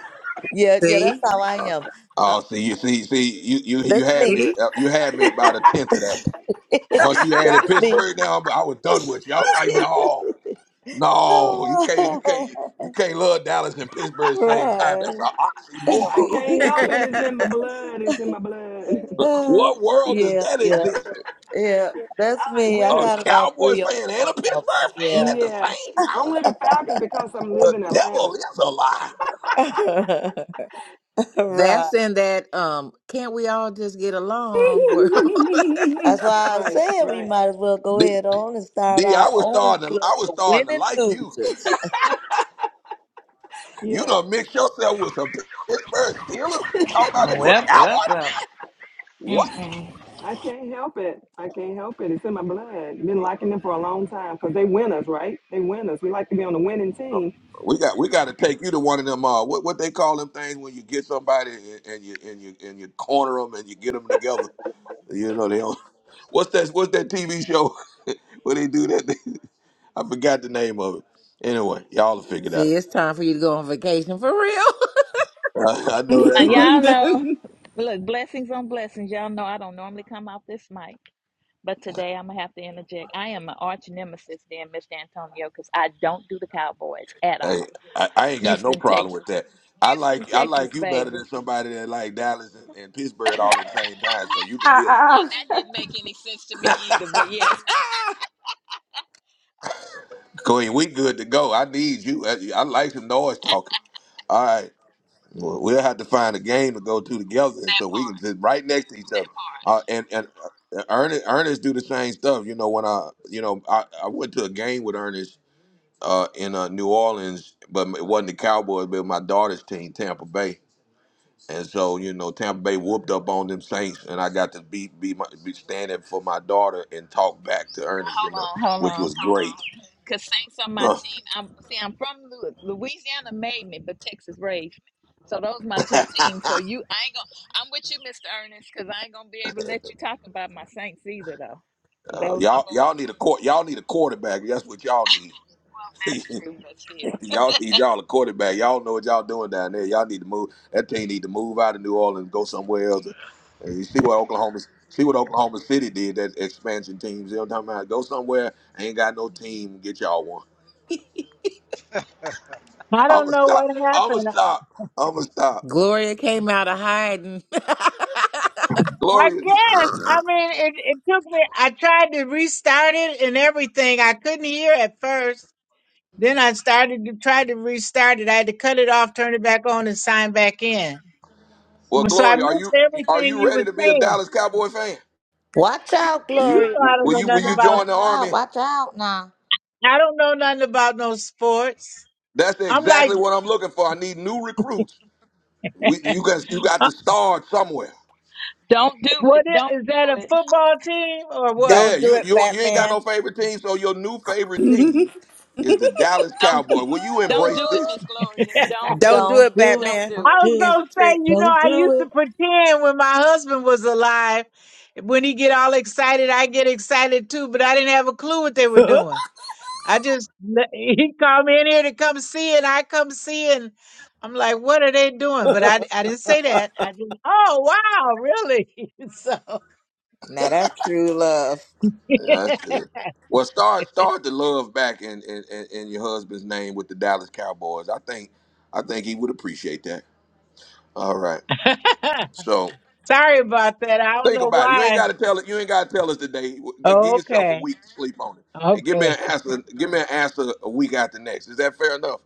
Speaker 6: Yeah, yeah. That's
Speaker 3: See?
Speaker 6: how I am. Uh,
Speaker 1: oh, see you see see you you you
Speaker 6: that's
Speaker 1: had
Speaker 6: me.
Speaker 1: me
Speaker 3: See?
Speaker 1: uh, you had me about a tenth of that. Once you added
Speaker 6: that's me.
Speaker 1: Pittsburgh down, I was done with you. I was like, no, no, you can't, you can't, you can't love Dallas and Pittsburgh at the same time. That's an
Speaker 5: I
Speaker 1: oxymoron.
Speaker 5: can't
Speaker 6: right.
Speaker 5: help it. It's in my blood. It's in my blood.
Speaker 6: Uh,
Speaker 1: What world does
Speaker 6: yeah,
Speaker 1: that
Speaker 6: yeah,
Speaker 1: exist?
Speaker 6: yeah. That's
Speaker 5: I like
Speaker 6: me. I
Speaker 1: A
Speaker 5: winners.
Speaker 6: got about
Speaker 1: Cowboys
Speaker 6: three or
Speaker 1: fan and a
Speaker 6: four of
Speaker 1: Pittsburgh fan at
Speaker 6: them.
Speaker 1: the
Speaker 5: Yeah.
Speaker 1: same time.
Speaker 5: Only the Falcons because I'm
Speaker 1: The
Speaker 5: living in Atlanta.
Speaker 1: devil is a lie.
Speaker 6: Yeah. right.
Speaker 3: That's in that um can't we all just get along world?
Speaker 6: That's why I
Speaker 5: Right,
Speaker 6: said we
Speaker 5: right.
Speaker 6: might as well go
Speaker 1: D,
Speaker 6: ahead on and start
Speaker 1: D, I
Speaker 6: our
Speaker 1: was
Speaker 6: own
Speaker 1: starting, to,
Speaker 6: club,
Speaker 1: I was
Speaker 6: the
Speaker 1: starting to
Speaker 6: winning
Speaker 1: like you.
Speaker 6: losers.
Speaker 1: You
Speaker 5: Yeah.
Speaker 1: done mix yourself with some Pittsburgh Steelers. Talking about you a
Speaker 11: Well,
Speaker 1: Cowboy
Speaker 11: well, well.
Speaker 1: fan? What?
Speaker 11: Mm-mm.
Speaker 5: I can't help it. I can't help it. It's in my blood. Been liking them for a long time because they win us, right? They win us. We like to be on the winning team.
Speaker 1: We got we got to take you to one of them. Uh, what what they call them things when you get somebody and, and you and you and you corner them and you get them together. You know they don't. What's that? What's that TV show where they do that? I forgot the name of it. Anyway, y'all will figure it out.
Speaker 3: See, it's time for you to go on vacation for real.
Speaker 1: I, know
Speaker 11: Now,
Speaker 1: that's right.
Speaker 11: y'all know, look, blessings on blessings. Y'all know I don't normally come off this mic, but today I'm going to have to interject. I am an arch nemesis then, Mr. Antonio, because I don't do the Cowboys at
Speaker 1: Hey,
Speaker 11: all.
Speaker 1: I, I ain't got no
Speaker 11: Houston,
Speaker 1: problem
Speaker 11: Texas.
Speaker 1: with that. I
Speaker 11: Houston,
Speaker 1: like I
Speaker 11: Texas,
Speaker 1: like you better
Speaker 11: baby.
Speaker 1: than somebody that like Dallas and, and Pittsburgh all at the same time. So you can be a
Speaker 2: uh-uh.
Speaker 11: That didn't make any sense to me either, but yes.
Speaker 1: queen. We good to go. I need you. I, I like some noise talking. All right. Well, we'll have to find a game to go to together, and so we can sit right next to each other. Uh, and and uh, Ernest, Ernest do the same stuff. You know, when I you know I, I went to a game with Ernest uh, in uh, New Orleans, but it wasn't the Cowboys, but my daughter's team, Tampa Bay. And so you know, Tampa Bay whooped up on them Saints, and I got to be be, my, be standing for my daughter and talk back to Ernest. You
Speaker 11: Hold
Speaker 1: know,
Speaker 11: on, hold
Speaker 1: which
Speaker 11: on.
Speaker 1: was great.
Speaker 11: Cause Saints on my
Speaker 1: Uh,
Speaker 11: team. I'm see, I'm from Louis, Louisiana, made me, but Texas raised me. So those my two teams. So you, I ain't gonna. I'm with you, Mr. Ernest, cause I ain't gonna be able to let you talk about my Saints either, though. 'Cause That
Speaker 1: uh,
Speaker 11: was my
Speaker 1: y'all
Speaker 11: boy.
Speaker 1: y'all need a court y'all need a quarterback. That's what y'all need.
Speaker 11: That's true, but still,
Speaker 1: Y'all need y'all a quarterback. Y'all know what y'all doing down there. Y'all need to move. That team need to move out of New Orleans and go somewhere else. And you see what Oklahoma see what Oklahoma City did that expansion teams. They're talking about go somewhere. Ain't got no team. Get y'all one.
Speaker 10: I don't
Speaker 1: I'ma
Speaker 10: know
Speaker 1: stop.
Speaker 10: what
Speaker 1: I'ma
Speaker 10: happened.
Speaker 1: stop. I'ma stop.
Speaker 3: Gloria came out of hiding.
Speaker 10: I
Speaker 1: Gloria, you,
Speaker 10: guess. I mean, it, it took me. I tried to restart it and everything. I couldn't hear at first. Then I started to try to restart it. I had to cut it off, turn it back on, and sign back in.
Speaker 1: well,
Speaker 10: So I
Speaker 1: Gloria, are
Speaker 10: missed
Speaker 1: you are
Speaker 10: everything
Speaker 1: you
Speaker 10: you
Speaker 1: ready
Speaker 10: were
Speaker 1: to be a
Speaker 10: saying.
Speaker 1: Dallas Cowboy fan?
Speaker 6: Watch out,
Speaker 1: Are
Speaker 10: You
Speaker 1: you
Speaker 6: Gloria.
Speaker 10: know, I don't
Speaker 1: will
Speaker 10: know
Speaker 1: you will
Speaker 10: nothing
Speaker 1: you
Speaker 6: Watch out,
Speaker 10: about.
Speaker 6: watch
Speaker 1: join the
Speaker 6: out,
Speaker 1: army?
Speaker 6: watch out now.
Speaker 10: I don't know nothing about no sports.
Speaker 1: That's
Speaker 10: I'm like,
Speaker 1: exactly what I'm looking for. I need new recruits. We, you got you got
Speaker 10: uh,
Speaker 1: to start somewhere.
Speaker 11: don't do it.
Speaker 10: what i-
Speaker 11: Don't
Speaker 10: is that?
Speaker 11: do
Speaker 10: A
Speaker 11: it.
Speaker 10: football team or what?
Speaker 1: Yeah,
Speaker 3: Don't do
Speaker 1: you
Speaker 3: it,
Speaker 1: you you ain't got
Speaker 3: Batman.
Speaker 1: no favorite team, so your new favorite team is the Dallas
Speaker 11: Don't
Speaker 1: Cowboy. Will you
Speaker 11: don't
Speaker 1: embrace
Speaker 11: do it,
Speaker 1: this?
Speaker 11: Miss Gloria. Don't
Speaker 3: Don't
Speaker 11: do
Speaker 3: do
Speaker 11: it.
Speaker 6: Don't
Speaker 3: it,
Speaker 6: do it.
Speaker 11: Don't
Speaker 3: Batman.
Speaker 6: Don't
Speaker 10: I
Speaker 11: do it.
Speaker 10: was
Speaker 6: do it.
Speaker 3: It's a
Speaker 10: gonna say,
Speaker 3: trick.
Speaker 10: you know,
Speaker 6: Don't
Speaker 10: I
Speaker 6: do
Speaker 10: used
Speaker 6: it.
Speaker 10: to pretend when my husband was alive. When he get all excited, I get excited too, but I didn't have a clue what they were doing. I just he called me in here to come see, and I come see, and I'm like, "What are they doing?" But I I didn't say that. I just, oh wow, really? so
Speaker 3: Now that's true love.
Speaker 1: Yeah, that's good. Well, start start the love back in, in in in your husband's name with the Dallas Cowboys. I think I think he would appreciate that. All right. So
Speaker 10: sorry about that. I don't
Speaker 1: think
Speaker 10: know
Speaker 1: about it. You ain't
Speaker 10: why.
Speaker 1: got to tell it. You ain't got to tell us today. G- Give
Speaker 10: Oh,
Speaker 1: yourself a
Speaker 10: okay,
Speaker 1: week to sleep on it, and give me an
Speaker 10: okay.
Speaker 1: answer. Give me an answer a week after next. Is that fair enough?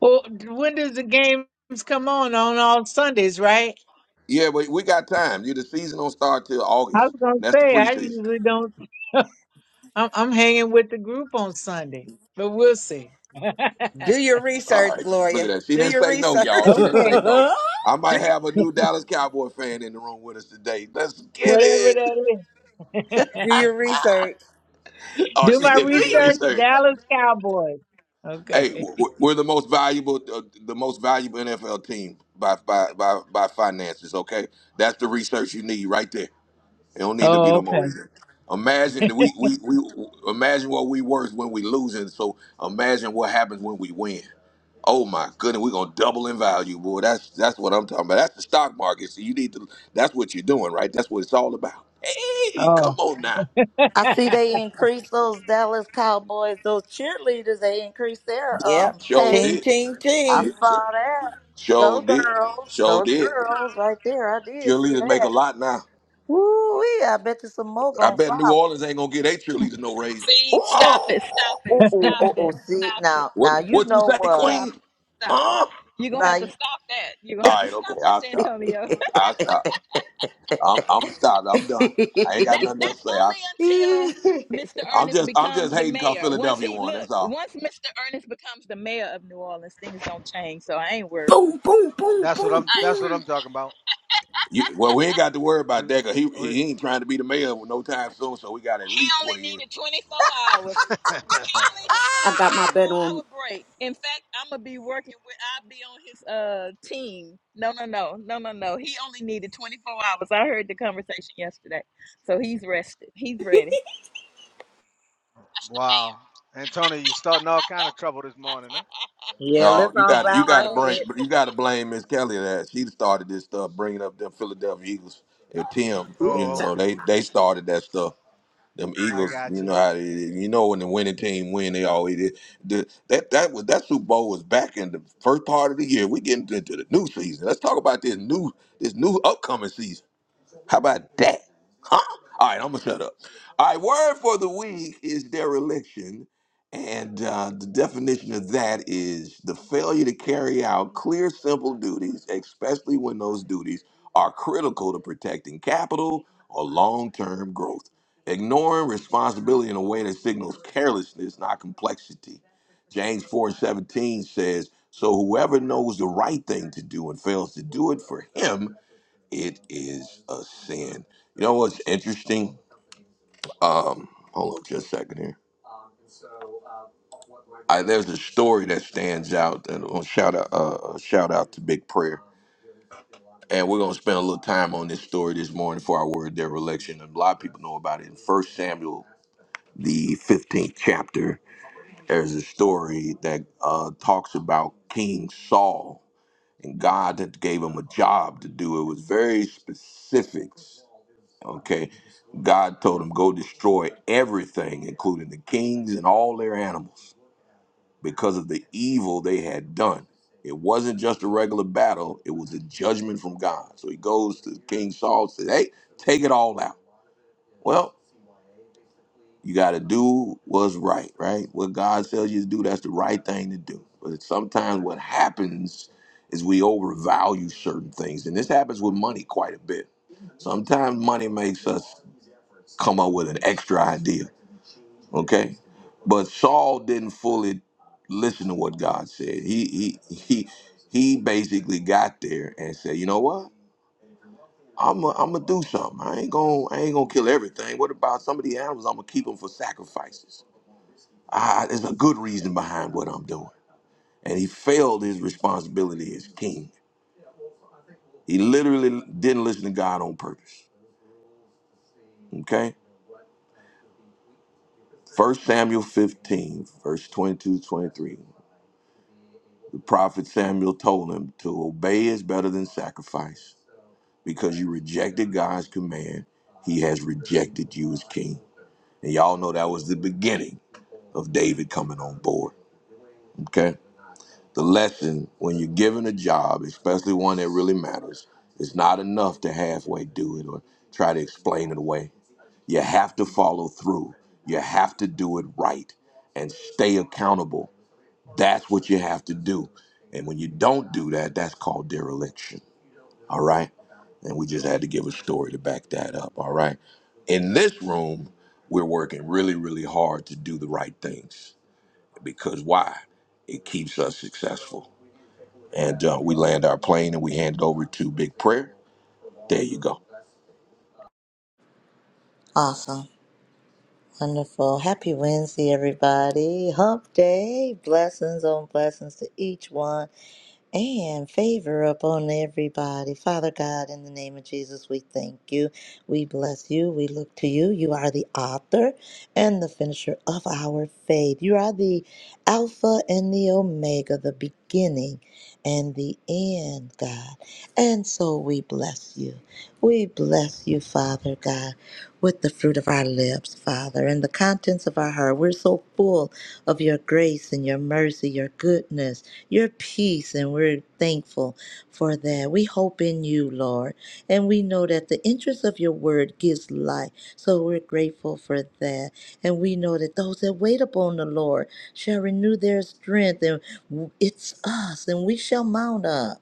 Speaker 10: Well, when does the games come on? On all Sundays, right?
Speaker 1: Yeah, but we got time. You the season don't start till
Speaker 10: I
Speaker 1: August.
Speaker 10: was gonna
Speaker 1: And that's the
Speaker 10: say I
Speaker 1: preseason.
Speaker 10: usually don't. I'm, I'm hanging with the group on Sunday, but we'll see. okay,
Speaker 3: Do your
Speaker 1: All
Speaker 3: research,
Speaker 1: right. Look at
Speaker 3: Gloria.
Speaker 1: that. She
Speaker 3: Do
Speaker 1: didn't
Speaker 3: your
Speaker 1: say no,
Speaker 3: research.
Speaker 1: y'all. She didn't say
Speaker 10: whatever
Speaker 1: no. I
Speaker 3: Do
Speaker 1: might
Speaker 3: your
Speaker 1: have a new Dallas Cowboy fan in the room with us today. Let's get it.
Speaker 10: that is.
Speaker 3: do your research.
Speaker 1: Oh,
Speaker 10: Do
Speaker 1: she
Speaker 10: my
Speaker 1: said do your
Speaker 10: research,
Speaker 1: research.
Speaker 10: Dallas Cowboys.
Speaker 1: Hey,
Speaker 10: Okay.
Speaker 1: w- w- we're the most valuable, uh, the most valuable NFL team by by by by finances. Okay, that's the research you need right there. It don't need to be
Speaker 10: Oh,
Speaker 1: no more
Speaker 10: okay.
Speaker 1: research. Imagine we we we imagine what we worth when we losing. So imagine what happens when we win. Oh my goodness, we're gonna double in value, boy. That's that's what I'm talking about. That's the stock market. So you need to that's what you're doing, right? That's what it's all about. Hey,
Speaker 10: Oh.
Speaker 1: come on now.
Speaker 6: I see they increased those Dallas Cowboys, those cheerleaders, they increased their
Speaker 3: Yep.
Speaker 6: um
Speaker 1: Show
Speaker 6: pay
Speaker 3: Ching
Speaker 1: did.
Speaker 3: ching
Speaker 6: I
Speaker 3: ching.
Speaker 6: saw that.
Speaker 1: Show
Speaker 6: Go
Speaker 1: did.
Speaker 6: girls,
Speaker 1: Show
Speaker 6: go
Speaker 1: did.
Speaker 6: girls, right there. I did see
Speaker 1: Cheerleaders make a
Speaker 6: that.
Speaker 1: lot now.
Speaker 6: Woo wee! I bet you some more
Speaker 1: I
Speaker 6: gonna
Speaker 1: bet New
Speaker 6: follow.
Speaker 1: Orleans ain't gonna get their cheerleaders no raise.
Speaker 11: See,
Speaker 1: Huh?
Speaker 11: stop it. Stop
Speaker 6: Ooh,
Speaker 11: it.
Speaker 6: ooh, ooh,
Speaker 11: Stop
Speaker 6: ooh,
Speaker 11: it.
Speaker 6: ooh. See
Speaker 11: Stop it.
Speaker 6: now,
Speaker 1: What
Speaker 6: now you
Speaker 1: what you
Speaker 6: know
Speaker 1: say,
Speaker 6: what?
Speaker 11: Stop
Speaker 1: Queen?
Speaker 11: it. Stop it.
Speaker 1: Huh?
Speaker 11: You're gonna
Speaker 6: Now,
Speaker 11: have to stop that. You're gonna have
Speaker 1: All
Speaker 11: to
Speaker 1: right, okay,
Speaker 11: stop this,
Speaker 1: I'll stop.
Speaker 11: Antonio.
Speaker 1: I'll stop. I'm I'm stopped. I'm done.
Speaker 6: you-
Speaker 1: I ain't got
Speaker 11: That's
Speaker 1: nothing else
Speaker 11: that's
Speaker 1: to say. I,
Speaker 11: only until Mr.
Speaker 1: I'm
Speaker 11: Ernest
Speaker 1: just I'm just
Speaker 11: becomes the
Speaker 1: hating 'cause
Speaker 11: mayor. Once
Speaker 1: Philadelphia
Speaker 11: he
Speaker 1: won.
Speaker 11: look,
Speaker 1: That's all.
Speaker 11: once Mr. Ernest becomes the mayor of New Orleans, things gonna change. So I ain't worried.
Speaker 4: boom, boom, boom,
Speaker 12: That's what
Speaker 4: boom,
Speaker 12: I'm. That's what
Speaker 4: boom.
Speaker 12: I'm talking about.
Speaker 1: You, well, we ain't got to worry
Speaker 12: We,
Speaker 1: about that, cause he
Speaker 12: we.
Speaker 1: he ain't trying to be the mayor with no time soon. So we got at
Speaker 11: He
Speaker 1: least
Speaker 11: only
Speaker 1: twenty years.
Speaker 11: needed 24 hours. He only needed a
Speaker 4: I got my
Speaker 11: 24
Speaker 4: bet
Speaker 11: hour
Speaker 4: on.
Speaker 11: break. In fact, I'm gonna be working with. I'll be on his uh team. No, no, no, no, no, no. He only needed 24 hours. I heard the conversation yesterday, so he's rested. He's ready. That's the mayor.
Speaker 12: wow, Antonio, you starting all kind of trouble this morning, huh?
Speaker 3: Yeah,
Speaker 1: No,
Speaker 3: let's
Speaker 1: you
Speaker 11: you
Speaker 3: all
Speaker 11: got
Speaker 1: got you
Speaker 3: bow
Speaker 11: my
Speaker 1: got to
Speaker 3: our
Speaker 11: vote.
Speaker 3: heads.
Speaker 1: blame you got to blame Miss Kelly of that she started this stuff, bringing up them Philadelphia Eagles. And Tim,
Speaker 4: Ooh,
Speaker 1: you
Speaker 12: Oh,
Speaker 4: child.
Speaker 1: know
Speaker 12: okay.
Speaker 1: they they started that stuff. Them
Speaker 12: I
Speaker 1: Eagles,
Speaker 12: got
Speaker 1: you
Speaker 12: you.
Speaker 1: know how they, you know when the winning team win, they always did. The, that that was that Super Bowl was back in the first part of the year. We getting into the new season. Let's talk about this new this new upcoming season. How about that? Huh? All right, I'm gonna shut up. All right, word for the week is dereliction, and uh, the definition of that is the failure to carry out clear, simple duties, especially when those duties are critical to protecting capital or long-term growth. Ignoring responsibility in a way that signals carelessness, not complexity. James 4 and 17 says, So whoever knows the right thing to do and fails to do it, for him it is a sin. You know what's interesting? Um, hold on just a second here. I, there's a story that stands out, and I'll shout out, uh, uh, shout out to Big Prayer. And we're gonna spend a little time on this story this morning for our word dereliction. And a lot of people know about it in First Samuel, the 15th chapter. There's a story that uh, talks about King Saul and God that gave him a job to do. It was very specific Okay. God told him, go destroy everything, including the kings and all their animals, because of the evil they had done. It wasn't just a regular battle, it was a judgment from God. So he goes to King Saul says, hey, take it all out. Well, you got to do what's right, right? What God tells you to do, that's the right thing to do. But sometimes what happens is we overvalue certain things. And this happens with money quite a bit. Sometimes money makes us come up with an extra idea. Okay, but Saul didn't fully listen to what God said. He he he he basically got there and said, you know what? I'm i I'm gonna do something. I ain't gonna I ain't gonna kill everything. What about some of the animals? I'm gonna keep them for sacrifices. I, there's a good reason behind what I'm doing. And he failed his responsibility as king. He literally didn't listen to God on purpose. Okay. First Samuel 15, verse 22 23. The prophet Samuel told him to obey is better than sacrifice because you rejected God's command. He has rejected you as king. And y'all know that was the beginning of David coming on board. Okay? The lesson when you're given a job, especially one that really matters, it's not enough to halfway do it or try to explain it away. You have to follow through. You have to do it right and stay accountable that's what you have to do. And when you don't do that, that's called dereliction. All right. And we just had to give a story to back that up. All right. In this room, we're working really, really hard to do the right things because why? It keeps us successful. And uh, we land our plane and we hand it over to Big Prayer. There you go.
Speaker 6: awesome, wonderful, happy Wednesday, everybody. Hump day, blessings on blessings to each one. and favor upon everybody. Father God, in the name of Jesus, we thank you. We bless you. We look to you. You are the author and the finisher of our faith. You are the Alpha and the Omega, the beginning and the end, God. And so we bless you. We bless you, Father God, with the fruit of our lips, Father, and the contents of our heart. We're so full of your grace and your mercy, your goodness your peace, and we're thankful for that. We hope in you, Lord, and we know that the interest of your word gives life. So we're grateful for that. And we know that those that wait upon the Lord shall renew their strength, and it's us, and we shall mount up.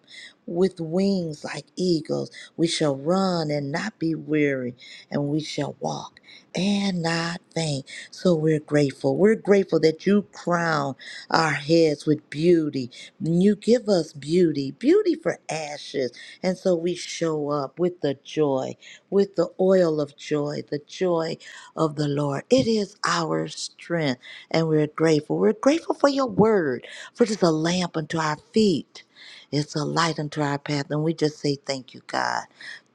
Speaker 6: With wings like eagles, we shall run and not be weary, and we shall walk and not faint. So we're grateful. We're grateful that you crown our heads with beauty you give us beauty, beauty for ashes. And so we show up with the joy, with the oil of joy, the joy of the Lord. It is our strength, and we're grateful. We're grateful for your word, for it is a lamp unto our feet. It's a light unto our path. And we just say, Thank you, God.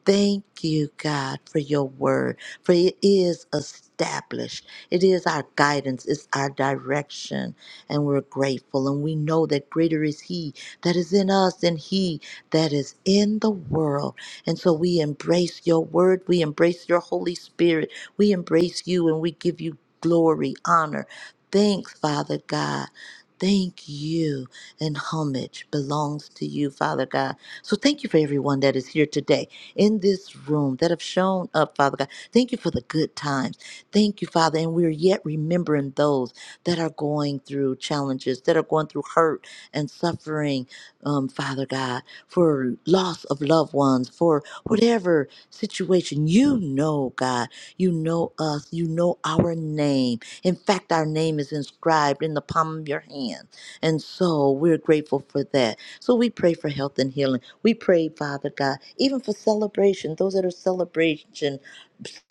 Speaker 6: Thank you, God, for your word, for it is established. It is our guidance, it's our direction and we're grateful. And we know that greater is He that is in us than He that is in the world. And so we embrace your word, we embrace your Holy Spirit, we embrace you, and we give you glory, honor, thanks, Father God. Thank you, and homage belongs to you, Father God. So thank you for everyone that is here today in this room that have shown up, Father God. Thank you for the good times. Thank you, Father. And we're yet remembering those that are going through challenges, that are going through hurt and suffering, um, Father God, for loss of loved ones, for whatever situation. You know, God, you know us, you know our name. In fact, our name is inscribed in the palm of your hand. And so we're grateful for that. So we pray for health and healing. We pray, Father God, even for celebration, those that are celebration,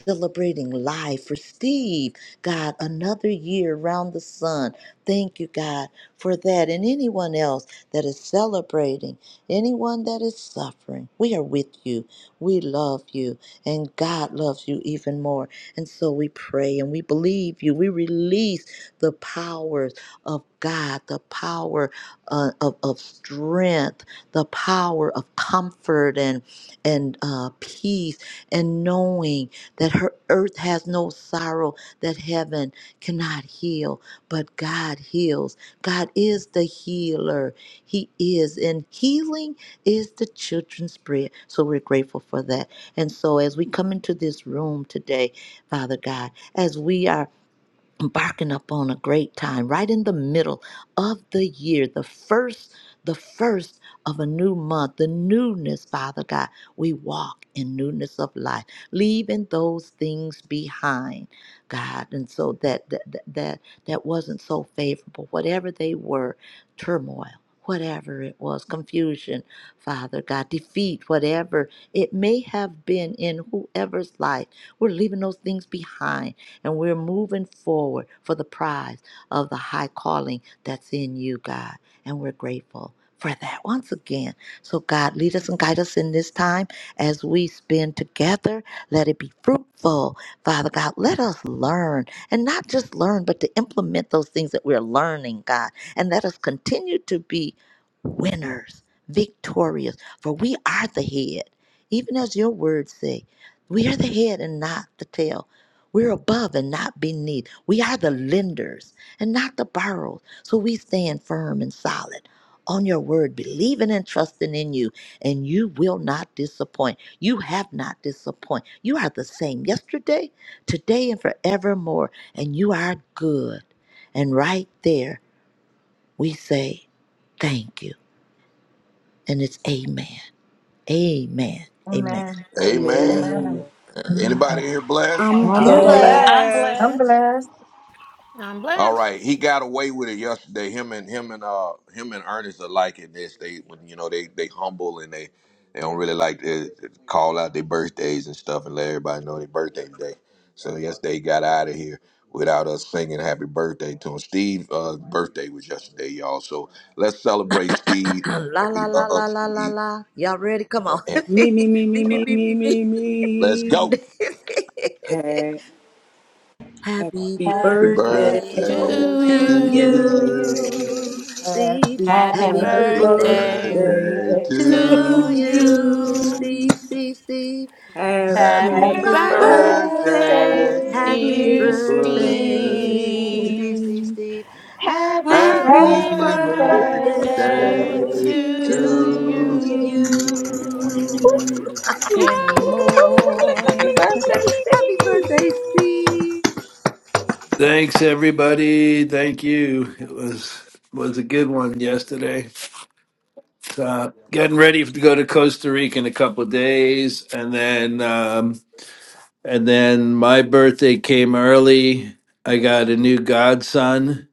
Speaker 6: celebrating life for Steve. God, another year around the sun. Thank you, God, for that. And anyone else that is celebrating, anyone that is suffering, we are with you. We love you, and God loves you even more. And so we pray and we believe you. We release the powers of God, the power uh, of, of strength, the power of comfort and and uh, peace, and knowing that her earth has no sorrow that heaven cannot heal, but God heals. God is the healer. He is, and healing is the children's bread. So we're grateful for that. And so as we come into this room today, Father God, as we are embarking upon a great time right in the middle of the year the first the first of a new month the newness father god we walk in newness of life leaving those things behind god and so that that that that, that wasn't so favorable whatever they were turmoil Whatever it was, confusion, Father God, defeat, whatever it may have been in whoever's life, we're leaving those things behind and we're moving forward for the prize of the high calling that's in you, God. And we're grateful for that once again. So, God, lead us and guide us in this time as we spend together. Let it be fruitful, Father God. Let us learn and not just learn, but to implement those things that we're learning, God. And let us continue to be winners, victorious, for we are the head. Even as your words say, we are the head and not the tail. We're above and not beneath. We are the lenders and not the borrowers. So we stand firm and solid on your word, believing and trusting in you, and you will not disappoint. You have not disappointed. You are the same yesterday, today, and forevermore, and you are good. And right there, we say thank you. And it's amen. Amen. Amen.
Speaker 2: Amen.
Speaker 5: Amen.
Speaker 1: Amen.
Speaker 2: Amen.
Speaker 4: Amen.
Speaker 5: Amen.
Speaker 1: Anybody here blessed?
Speaker 4: I'm
Speaker 10: I'm
Speaker 3: I'm
Speaker 5: I'm
Speaker 11: Yeah.
Speaker 6: Bless.
Speaker 10: glad.
Speaker 4: blessed.
Speaker 11: I'm
Speaker 5: blessed.
Speaker 2: I'm
Speaker 11: blessed.
Speaker 3: blessed.
Speaker 2: blessed.
Speaker 7: I'm
Speaker 1: All
Speaker 7: blessed.
Speaker 1: right, he got away with it yesterday. Him and him and uh him and Ernest are liking this. They when you know they they humble and they they don't really like to call out their birthdays and stuff and let everybody know their birthday today. So yesterday he got out of here without us singing happy birthday to him. Steve' uh, birthday was yesterday, y'all. So let's celebrate Steve. And
Speaker 6: la
Speaker 1: we
Speaker 6: la la
Speaker 1: love
Speaker 6: la la la
Speaker 1: Steve.
Speaker 6: la. Y'all ready? Come on.
Speaker 1: And
Speaker 4: Me, me, me,
Speaker 6: me
Speaker 4: me,
Speaker 6: me
Speaker 1: uh,
Speaker 4: me,
Speaker 6: me
Speaker 4: me,
Speaker 6: me me.
Speaker 4: me,
Speaker 1: let's
Speaker 4: me.
Speaker 1: go.
Speaker 4: Happy
Speaker 6: Happy
Speaker 1: Happy
Speaker 11: Happy
Speaker 4: birthday
Speaker 5: Happy
Speaker 6: birthday
Speaker 10: Happy
Speaker 1: birthday
Speaker 11: birthday
Speaker 7: To
Speaker 5: birthday
Speaker 4: to
Speaker 6: to
Speaker 1: to
Speaker 5: to
Speaker 7: you,
Speaker 11: to
Speaker 4: you.
Speaker 6: you,
Speaker 1: you.
Speaker 11: you.
Speaker 5: you.
Speaker 6: Steve.
Speaker 4: Happy
Speaker 7: happy
Speaker 2: Happy
Speaker 6: Happy
Speaker 1: Happy
Speaker 10: birthday.
Speaker 2: birthday
Speaker 5: Happy
Speaker 2: to
Speaker 7: birthday.
Speaker 6: birthday
Speaker 2: you.
Speaker 4: birthday
Speaker 1: birthday
Speaker 5: birthday to
Speaker 4: to
Speaker 6: to
Speaker 7: To
Speaker 1: to
Speaker 6: you,
Speaker 4: you.
Speaker 5: you.
Speaker 7: you,
Speaker 1: Steve.
Speaker 6: Steve, Steve, Steve.
Speaker 4: Happy
Speaker 6: Happy
Speaker 7: happy
Speaker 1: Happy
Speaker 2: Happy
Speaker 5: Happy
Speaker 2: birthday.
Speaker 11: Birthday,
Speaker 6: birthday,
Speaker 2: dear
Speaker 4: birthday,
Speaker 7: birthday,
Speaker 11: dear
Speaker 1: birthday.
Speaker 5: birthday,
Speaker 6: happy
Speaker 11: Steve.
Speaker 7: dear
Speaker 1: Happy
Speaker 2: you.
Speaker 4: dear
Speaker 5: happy
Speaker 1: birthday.
Speaker 6: birthday,
Speaker 5: birthday,
Speaker 6: Steve,
Speaker 7: Steve.
Speaker 6: Steve,
Speaker 4: thee.
Speaker 6: Steve. Happy
Speaker 11: Happy
Speaker 4: Happy
Speaker 7: Happy
Speaker 2: Happy
Speaker 1: Happy
Speaker 10: Happy birthday.
Speaker 11: birthday
Speaker 4: birthday
Speaker 5: happy
Speaker 11: to
Speaker 2: birthday
Speaker 7: birthday
Speaker 6: birthday
Speaker 5: birthday
Speaker 1: birthday
Speaker 5: to
Speaker 2: to
Speaker 7: to
Speaker 1: to
Speaker 4: to
Speaker 6: to
Speaker 2: you.
Speaker 1: Steve.
Speaker 7: you.
Speaker 5: you.
Speaker 4: you.
Speaker 2: Woo!
Speaker 6: you.
Speaker 11: you
Speaker 5: Woo-hoo-hoo.
Speaker 7: Yay!
Speaker 2: Happy
Speaker 11: anymore.
Speaker 2: birthday,
Speaker 6: Happy
Speaker 2: Steve.
Speaker 6: birthday, Steve.
Speaker 13: Thanks everybody. Thank you. It was was a good one yesterday. Uh, getting ready to go to Costa Rica in a couple of days, and then um, and then my birthday came early. I got a new godson.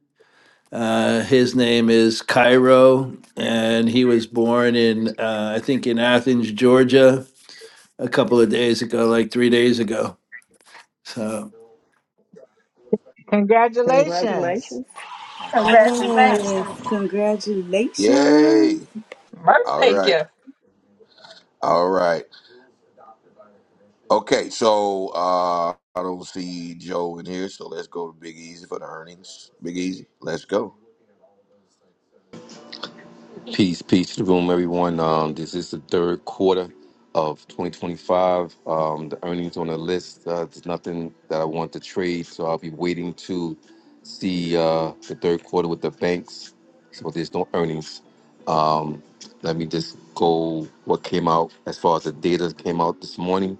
Speaker 13: Uh, his name is Cairo, and he was born in uh, I think in Athens, Georgia, a couple of days ago, like three days ago. So.
Speaker 10: Congratulations.
Speaker 5: Congratulations.
Speaker 11: Congrats, congrats.
Speaker 4: Yes,
Speaker 2: Congratulations.
Speaker 1: Yay.
Speaker 4: congratulations.
Speaker 1: All
Speaker 2: Birthday
Speaker 1: right.
Speaker 2: gift.
Speaker 1: All right. Okay, so uh I don't see Joe in here, so let's go to Big Easy for the earnings. Big Easy, let's go.
Speaker 9: Peace, peace to the room, everyone. Um, this is the third quarter of 2025. Um, the earnings on the list, uh, there's nothing that I want to trade, so I'll be waiting to see uh, the third quarter with the banks. So there's no earnings. Um, let me just go what came out as far as the data came out this morning.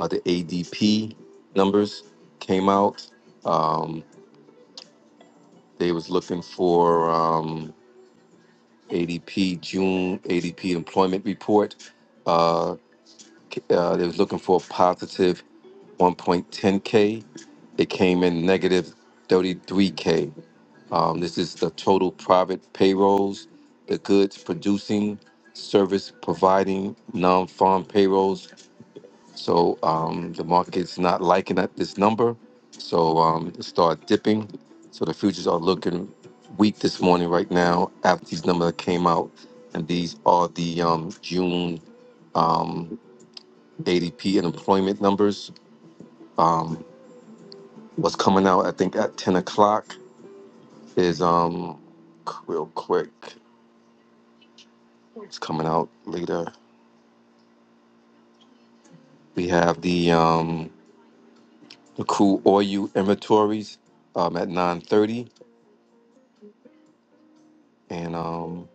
Speaker 9: Uh, the ADP numbers came out. Um, they was looking for. Um, ADP June ADP employment report. Uh, c- uh, they was looking for a positive 1.10k. It came in negative 33k. Um, this is the total private payrolls, the goods producing, service providing, non-farm payrolls so um, the market's not liking that this number. So um, it started dipping. So the futures are looking weak this morning right now after these numbers came out. And these are the um, June um, ADP and employment numbers. Um, what's coming out, I think, at 10 o'clock is um, qu- real quick. It's coming out later. We have the um, the crude oil inventories um, at 9:30, and um,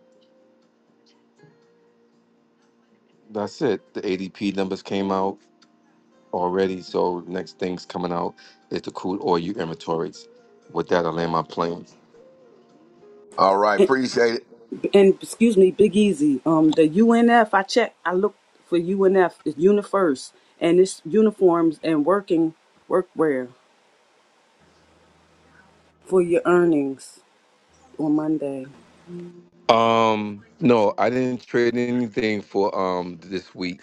Speaker 9: That's it. The ADP numbers came out already, so next thing's coming out is the crude oil inventories. With that, I land my plane.
Speaker 1: All right,
Speaker 4: And,
Speaker 1: appreciate it.
Speaker 4: and excuse me, Big Easy. Um, the U N F I I checked. I looked for UNF. It's UniFirst, and it's uniforms and working workwear for your earnings on Monday.
Speaker 9: Um, no, I didn't trade anything for um this week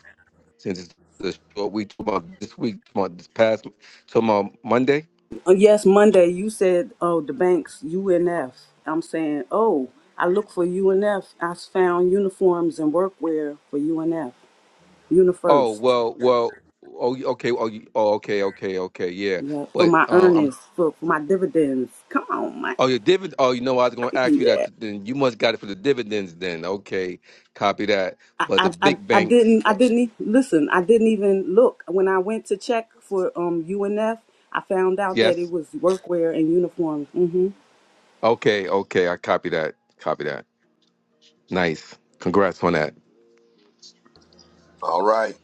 Speaker 9: since it's the short week. Talking about this week, talking about this past, talking about Monday.
Speaker 4: Uh, Yes, Monday you said, "Oh, the banks UNF." I'm saying, "Oh, I look for UNF. I s- found uniforms and workwear for UNF,
Speaker 9: Oh
Speaker 4: UniFirst.
Speaker 9: well, well. Oh, you- okay. Oh, you, oh, okay, okay, okay. Yeah,
Speaker 4: Yeah, for
Speaker 9: but
Speaker 4: my
Speaker 9: um, I'm.
Speaker 4: earnings, for, for my dividends. Come on, man.
Speaker 9: Oh, your dividend. Oh, you know, what? I was going to ask you
Speaker 4: Yeah,
Speaker 9: that. Then you must got it for the dividends. Then okay, copy that.
Speaker 4: I,
Speaker 9: But the
Speaker 4: I, I,
Speaker 9: big
Speaker 4: I
Speaker 9: banks.
Speaker 4: didn't, I didn't e- listen. I didn't even look when I went to check for um UNF. I found out that it
Speaker 9: Yes.
Speaker 4: was workwear and uniforms. hmm
Speaker 9: Okay. Okay. I copy that. Copy that. Nice. Congrats on
Speaker 1: All right.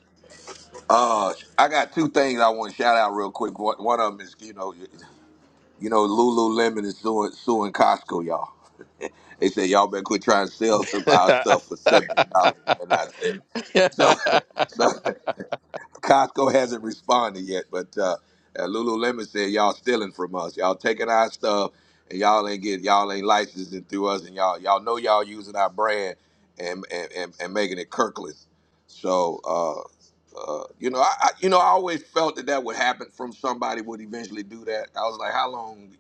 Speaker 1: Uh, I got two things I want to shout out real quick. One, one of them is you know, you, you know, Lululemon is suing suing Costco, y'all. they said y'all better quit trying to sell our stuff for seventeen dollars ninety nine cents. So,
Speaker 9: that.
Speaker 1: so Costco hasn't responded yet, but uh, uh, Lululemon said y'all stealing from us. Y'all taking our stuff, and y'all ain't get y'all ain't licensing through us, and y'all y'all know y'all using our brand and and, and, and making it Kirkland. So uh, uh, you know, I, I you know I always felt that that would happen from somebody would eventually do that. I was like, how long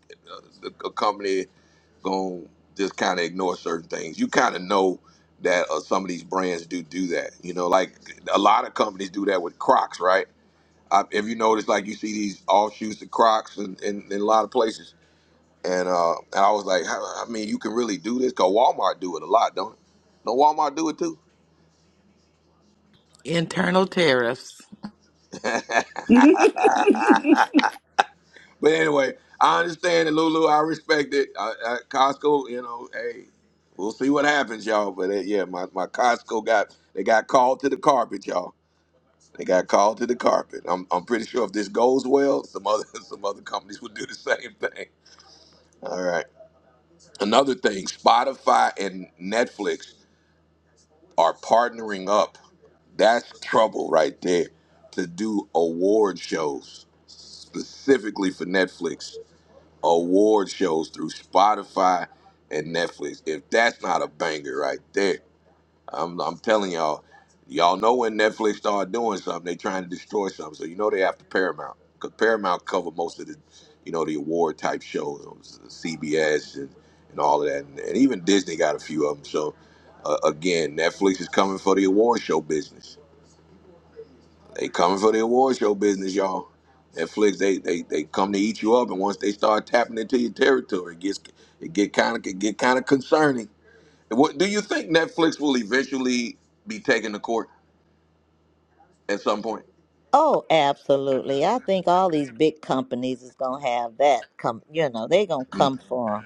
Speaker 1: uh, a company? gonna just kind of ignore certain things. You kind of know that uh, some of these brands do do that. You know, like a lot of companies do that with Crocs, right? I, if you notice, like you see these offshoots of Crocs in, in, in a lot of places, and uh, and I was like, how, I mean, you can really do this because Walmart do it a lot, don't it? No, Walmart do it too.
Speaker 3: Internal tariffs.
Speaker 1: But anyway, I understand it, Lulu. I respect it. I, I, Costco, you know, hey, we'll see what happens, y'all. But uh, yeah, my, my Costco got they got called to the carpet, y'all. They got called to the carpet. I'm I'm pretty sure if this goes well, some other some other companies would do the same thing. All right. Another thing, Spotify and Netflix are partnering up. That's trouble right there to do award shows specifically for Netflix. award shows through Spotify and Netflix. If that's not a banger right there, I'm, I'm telling y'all, y'all know when Netflix start doing something, they trying to destroy something. So you know they after Paramount because Paramount cover most of the, you know, the award type shows, CBS and, and all of that, and, and even Disney got a few of them. So uh, again, Netflix is coming for the award show business. They coming for the award show business, y'all. Netflix, they they they come to eat you up, and once they start tapping into your territory, it gets it get kind of get kind of concerning. What do you think Netflix will eventually be taken to court at some point?
Speaker 6: Oh, absolutely. I think all these big companies is going to have that come, you know, they going to
Speaker 1: Mm.
Speaker 6: come for 'em.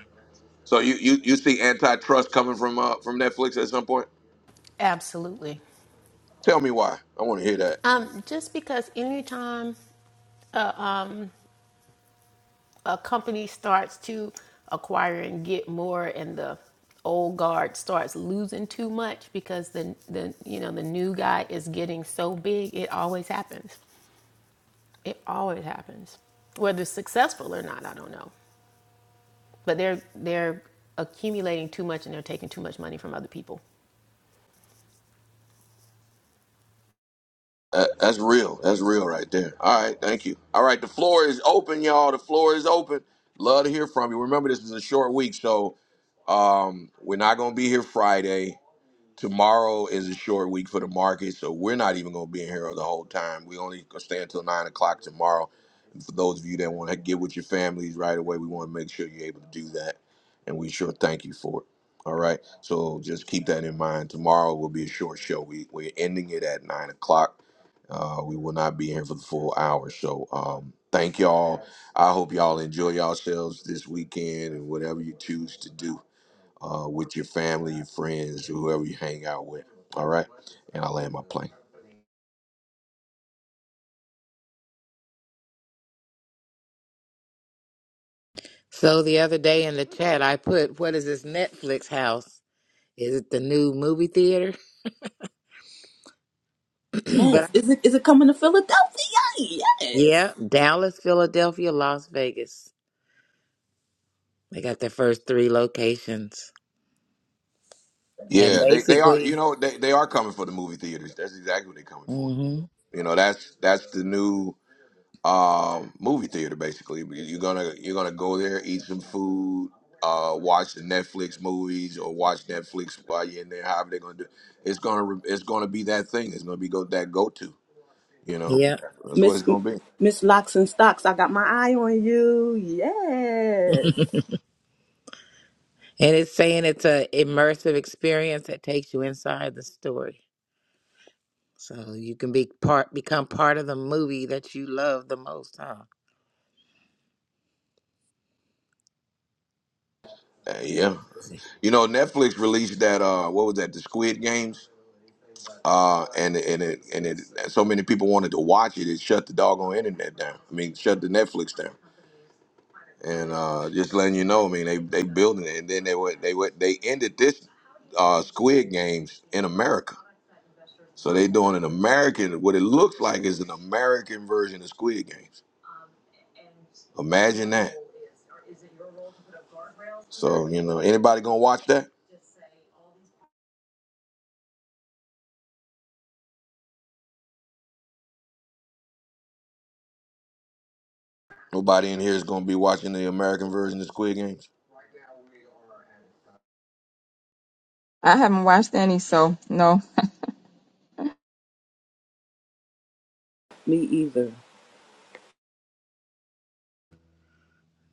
Speaker 1: So you you, you see antitrust coming from uh, from Netflix at some point?
Speaker 7: Absolutely.
Speaker 1: Tell me why. I want to hear that.
Speaker 7: Um, just because anytime uh, um, a company starts to acquire and get more, and the old guard starts losing too much because the the you know the new guy is getting so big, it always happens. It always happens, whether it's successful or not. I don't know. but they're they're accumulating too much and they're taking too much money from other people
Speaker 1: That- That's real. That's real right there. All right, thank you. All right, the floor is open, y'all. The floor is open. Love to hear from you. Remember, this is a short week, so Um, we're not gonna be here Friday. Tomorrow is a short week for the market, so we're not even gonna be in here the whole time. We only gonna stay until nine o'clock tomorrow. And for those of you that want to get with your families right away, we want to make sure you're able to do that, and we sure thank you for it. All right, so just keep that in mind. Tomorrow will be a short show. We we're ending it at nine o'clock. Uh, we will not be here for the full hour. So um, thank y'all. I hope y'all enjoy yourselves this weekend and whatever you choose to do uh, with your family, your friends, whoever you hang out with. All right, and I land my plane.
Speaker 3: So the other day in the chat, I put, "What is this Netflix house? Is it the new movie theater?" but
Speaker 4: Yes, is it is it coming to Philadelphia?
Speaker 3: yeah, Dallas, Philadelphia, Las Vegas. They got their first three locations, and
Speaker 1: Yeah, they, they are. You
Speaker 3: basically,
Speaker 1: know, they, they are coming for the movie theaters. That's exactly what they're coming for.
Speaker 3: hmm
Speaker 1: You know, that's that's the new um, movie theater. Basically, you're gonna you're gonna go there, eat some food, uh, watch the Netflix movies, or watch Netflix while you're in there. However they're gonna do, it's gonna it's gonna be that thing. It's gonna be go that go to. You know,
Speaker 3: yeah,
Speaker 1: that's what it's
Speaker 4: Miss
Speaker 1: gonna be.
Speaker 4: Miss Locks and Stocks, I got my eye on you. Yes.
Speaker 3: and it's saying it's a immersive experience that takes you inside the story, so you can be part, become part of the movie that you love the most. Huh?
Speaker 1: Uh, yeah.
Speaker 3: Crazy.
Speaker 1: You know, Netflix released that uh what was that, the Squid Games? Uh and and it and it so many people wanted to watch it, it shut the doggone internet down. I mean shut the Netflix down. And uh just letting you know, I mean they they building it and then they went they went they ended this uh Squid Games in America. So they doing an American what it looks like is an American version of Squid Games. Imagine that. So, you know, anybody gonna watch that? Nobody in here is going to be watching the American version of Squid Games.
Speaker 2: I haven't watched any, so no.
Speaker 4: Me either.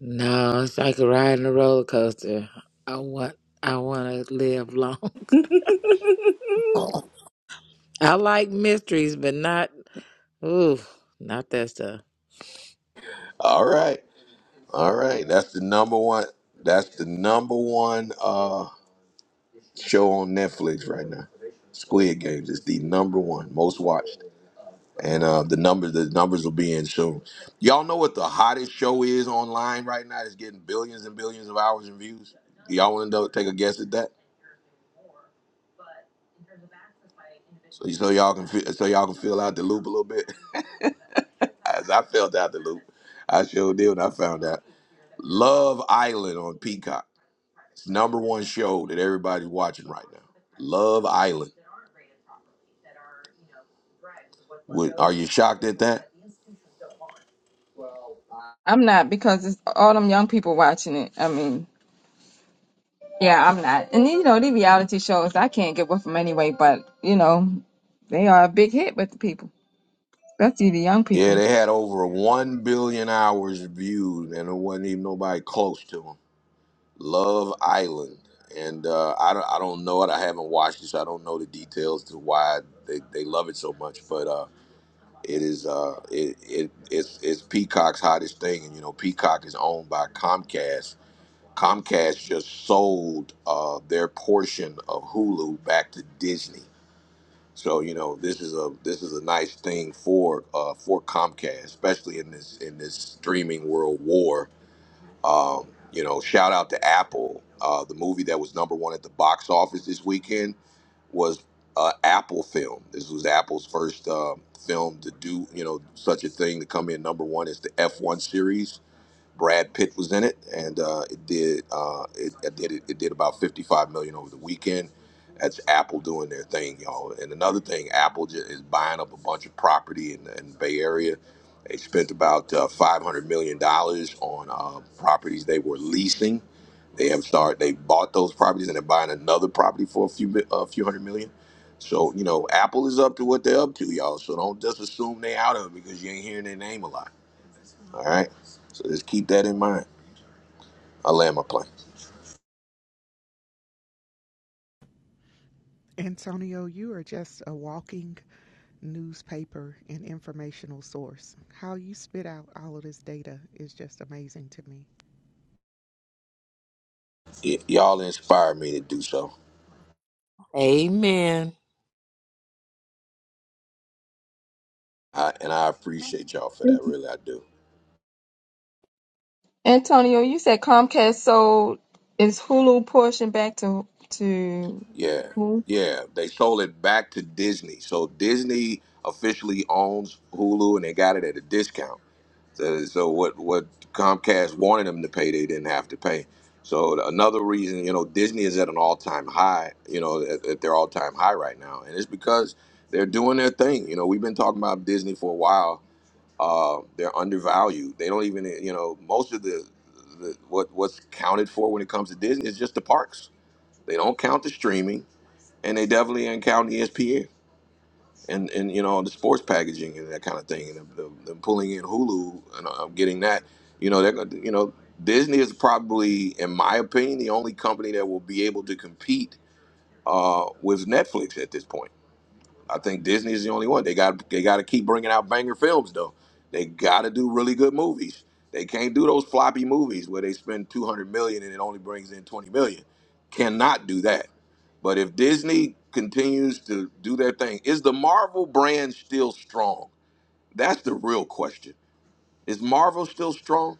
Speaker 3: No, it's like a ride in a roller coaster. I want, I want to live long. I like mysteries, but not ooh, not that stuff.
Speaker 1: All right. All right. That's the number one. That's the number one uh, show on Netflix right now. Squid Games is the number one most watched, and uh, the numbers the numbers will be in soon. Y'all know what the hottest show is online right now? It's getting billions and billions of hours and views. Y'all want to take a guess at that? So, so y'all can feel, so y'all can feel out the loop a little bit. As I felt out the loop, I sure did when I found out. Love Island on Peacock. It's number one show that everybody's watching right now. Love Island. Would, are you shocked at that?
Speaker 2: I'm not because it's all them young people watching it. I mean, yeah, I'm not. And you know, the reality shows, I can't get with them anyway, but you know, they are a big hit with the people, especially the young
Speaker 1: Yeah,
Speaker 2: people.
Speaker 1: they had over one billion hours viewed, and there wasn't even nobody close to them. Love Island, and uh, I don't, I don't know it. I haven't watched it, so I don't know the details to why they, they love it so much. But uh, It is uh it, it it's it's Peacock's hottest thing, and you know Peacock is owned by Comcast. Comcast just sold uh, their portion of Hulu back to Disney. So you know this is a this is a nice thing for uh, for Comcast, especially in this in this streaming world war um, you know, shout out to Apple. Uh, the movie that was number one at the box office this weekend was uh, Apple film. This was Apple's first um film to do, you know, such a thing to come in number one It's the F1 series Brad Pitt was in it, and uh, it did uh, it, it did it, did about fifty five million over the weekend. That's Apple doing their thing, y'all. And another thing, Apple is buying up a bunch of property in, in the Bay Area. They spent about uh, five hundred million dollars on uh, properties they were leasing. They have started. They bought those properties and they're buying another property for a few a few hundred million. So you know, Apple is up to what they're up to, y'all. So don't just assume they out of it because you ain't hearing their name a lot. All right. So just keep that in mind. I land my plane.
Speaker 14: Antonio, you are just a walking newspaper and informational source. How you spit out all of this data is just amazing to me.
Speaker 1: Y- y'all inspire me to do so.
Speaker 3: Amen.
Speaker 1: I, and I appreciate y'all for that. Really, I do.
Speaker 2: Antonio, you said Comcast sold its Hulu portion back to to
Speaker 1: Yeah.
Speaker 2: who?
Speaker 1: Yeah. They sold it back to Disney. So Disney officially owns Hulu and they got it at a discount. So, so what, what Comcast wanted them to pay, they didn't have to pay. So another reason, you know, Disney is at an all time high, you know, at, at their all time high right now. And it's because they're doing their thing. You know, we've been talking about Disney for a while Uh, they're undervalued. They don't even, you know, most of the, the what what's counted for when it comes to Disney is just the parks. They don't count the streaming, and they definitely ain't count ESPN and and you know the sports packaging and that kind of thing, and them, them, them pulling in Hulu and uh, getting that. You know, they're gonna, you know, Disney is probably, in my opinion, the only company that will be able to compete uh, with Netflix at this point I think Disney's the only one. They got they got to keep bringing out banger films though. They got to do really good movies. They can't do those floppy movies where they spend 200 million and it only brings in 20 million. Cannot do that. But if Disney continues to do their thing, is the Marvel brand still strong? That's the real question. Is Marvel still strong?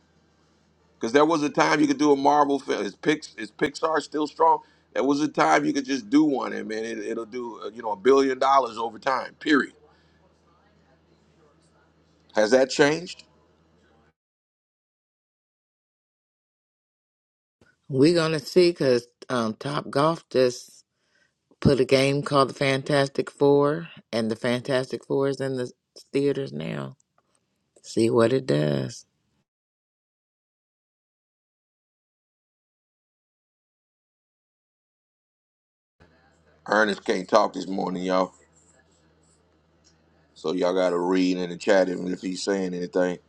Speaker 1: Because there was a time you could do a Marvel film. Is, Pix, is Pixar still strong? There was a time you could just do one and man, it, it'll do uh, you know a billion dollars over time. Period Has that changed?
Speaker 3: We're gonna see because um, Top Golf just put a game called the Fantastic Four, and the Fantastic Four is in the theaters now. See what it does.
Speaker 1: Ernest can't talk this morning, y'all. So y'all gotta read in the chat even if he's saying anything.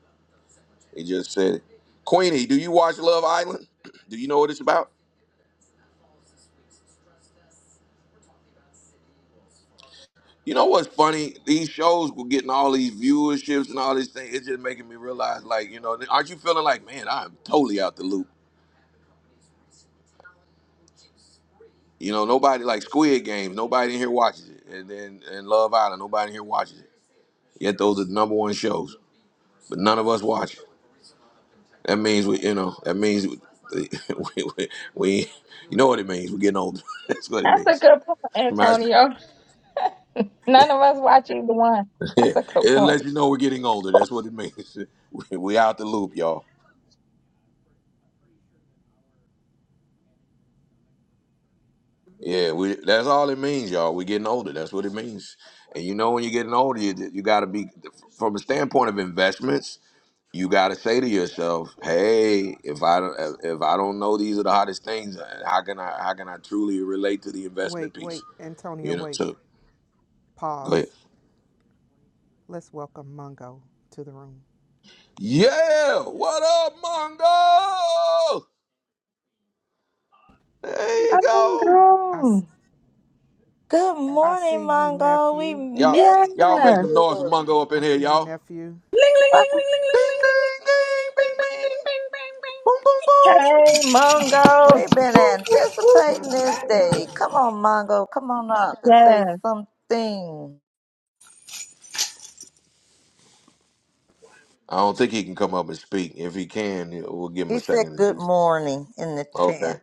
Speaker 1: He just said it. Queenie, do you watch Love Island? Do you know what it's about? You know what's funny? These shows were getting all these viewerships and all these things. It's just making me realize, like, you know, aren't you feeling like, man, I'm totally out the loop? You know, nobody like Squid Games, nobody in here watches it. And then and Love Island, nobody in here watches it. Yet those are the number one shows. But none of us watch it. That means we, you know, that means we, we, we- we- you know what it means. We're getting older. That's what it
Speaker 2: That's a
Speaker 1: means.
Speaker 2: good point,
Speaker 1: My,
Speaker 2: Antonio. None of us watch either one. That's
Speaker 1: it
Speaker 2: a good point.
Speaker 1: lets you know we're getting older. That's what it means. We, we out the loop, y'all. Yeah, we. That's all it means, y'all. We're getting older. That's what it means. And you know, when you're getting older, you, you got to be, from a standpoint of investments, you got to say to yourself, "Hey, if I don't, if I don't know these are the hottest things, how can I how can I truly relate to the
Speaker 14: Wait,
Speaker 1: investment piece?"
Speaker 14: wait, Antonio,
Speaker 1: You know.
Speaker 14: wait.
Speaker 1: So go ahead.
Speaker 14: Pause. Let's welcome Mungo to the room.
Speaker 1: Yeah, what up, Mongo? There you go.
Speaker 14: I I
Speaker 2: Mongo.
Speaker 6: Good morning,
Speaker 14: see you,
Speaker 6: Mongo. We
Speaker 14: nephew.
Speaker 1: Y'all,
Speaker 6: missed
Speaker 1: y'all make
Speaker 2: Yeah.
Speaker 1: some noise for
Speaker 6: you.
Speaker 1: Mongo up
Speaker 14: I
Speaker 1: in here,
Speaker 14: see you,
Speaker 1: y'all.
Speaker 14: nephew.
Speaker 4: Ling, ling, ling, ling, ling, ling,
Speaker 1: Ding,
Speaker 4: ling, ling, ling, ling.
Speaker 1: ding, ding,
Speaker 4: Bing,
Speaker 1: bing,
Speaker 4: bing,
Speaker 1: bing.
Speaker 4: bing, bing, bing, bing.
Speaker 1: Boom, boom, boom.
Speaker 2: Hey, Mongo.
Speaker 6: We've been
Speaker 2: Woo, woo, woo.
Speaker 6: anticipating
Speaker 5: Welcome
Speaker 6: this
Speaker 5: back, Mongo.
Speaker 6: day. Come on, Mongo. Come on up and say
Speaker 2: Yes.
Speaker 6: something.
Speaker 1: I don't think he can come up and speak. If he can, we'll give him a
Speaker 6: He said
Speaker 1: second to
Speaker 6: good
Speaker 1: do.
Speaker 6: morning in the
Speaker 1: Okay,
Speaker 6: chat.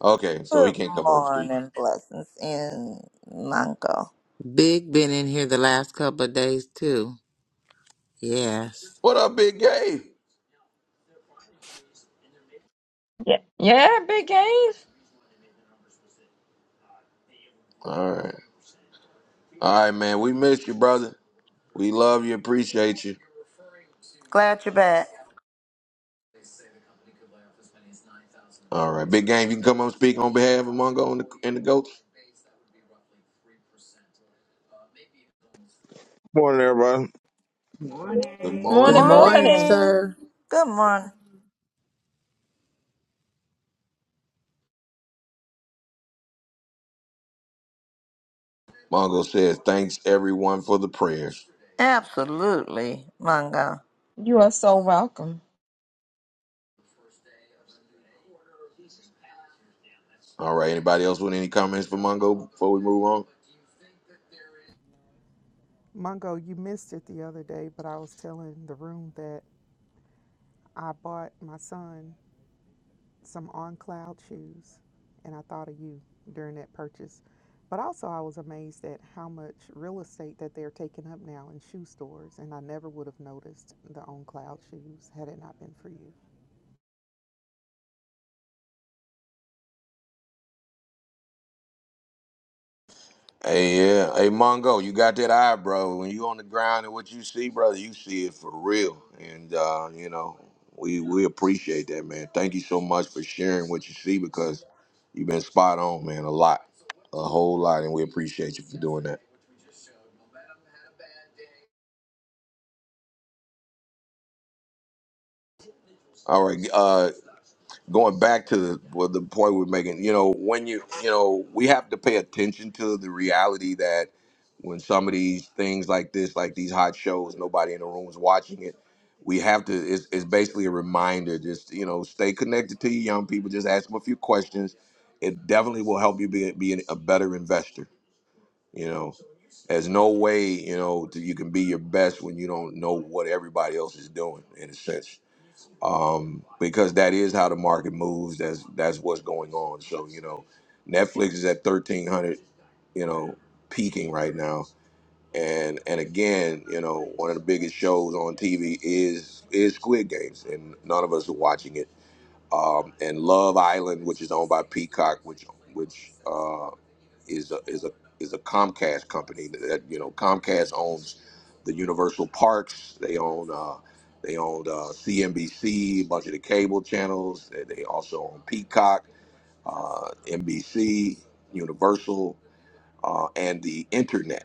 Speaker 1: okay. So he
Speaker 6: Good
Speaker 1: can't come up and speak.
Speaker 6: morning, blessings in Mongo.
Speaker 3: Big been in here the last couple of days too. Yes.
Speaker 1: What up, Big Gay?
Speaker 2: Yeah, Big Game.
Speaker 1: All right, all right, man. We miss you, brother. We love you, appreciate you.
Speaker 6: Glad you're back.
Speaker 1: All right, Big Game, you can come up and speak on behalf of Mongo and the, and the Goats.
Speaker 15: Morning, everybody.
Speaker 5: Good
Speaker 1: Good
Speaker 5: morning.
Speaker 3: Good
Speaker 2: Morning,
Speaker 1: morning, brother.
Speaker 3: morning,
Speaker 2: morning.
Speaker 6: Morning.
Speaker 3: sir.
Speaker 6: Good morning.
Speaker 1: Mongo says, thanks everyone for the prayers.
Speaker 6: Absolutely, Mongo.
Speaker 2: You are so welcome.
Speaker 1: All right, anybody else with any comments for Mongo before we move on?
Speaker 14: Mungo, you missed it the other day, but I was telling the room that I bought my son some on cloud shoes and i thought of you during that purchase but also i was amazed at how much real estate that they're taking up now in shoe stores and i never would have noticed the on cloud shoes had it not been for you
Speaker 1: Hey, yeah. Hey, Mongo, you got that eye, bro. When you on the ground and what you see, brother, you see it for real. And, uh, you know, we, we appreciate that, man. Thank you so much for sharing what you see because you've been spot on, man, a lot, a whole lot. And we appreciate you for doing that. All right. Uh, going back to the, well, the point we're making, you know, when you, you know, we have to pay attention to the reality that when some of these things like this, like these hot shows, nobody in the room is watching it. We have to, it's, it's basically a reminder, just, you know, stay connected to your young people, just ask them a few questions. It definitely will help you be, be a better investor, you know. There's no way, you know, that you can be your best when you don't know what everybody else is doing, in a sense um, because that is how the market moves. That's that's what's going on. So you know, Netflix is at thirteen hundred, you know, peaking right now. And and again, you know, one of the biggest shows on TV is is Squid Games, and none of us are watching it. Um, and Love Island, which is owned by Peacock, which which uh is a is a is a Comcast company that you know Comcast owns the Universal Parks. They own uh, they own uh, CNBC, a bunch of the cable channels. They, they also own Peacock, uh, NBC, Universal, uh, and the internet.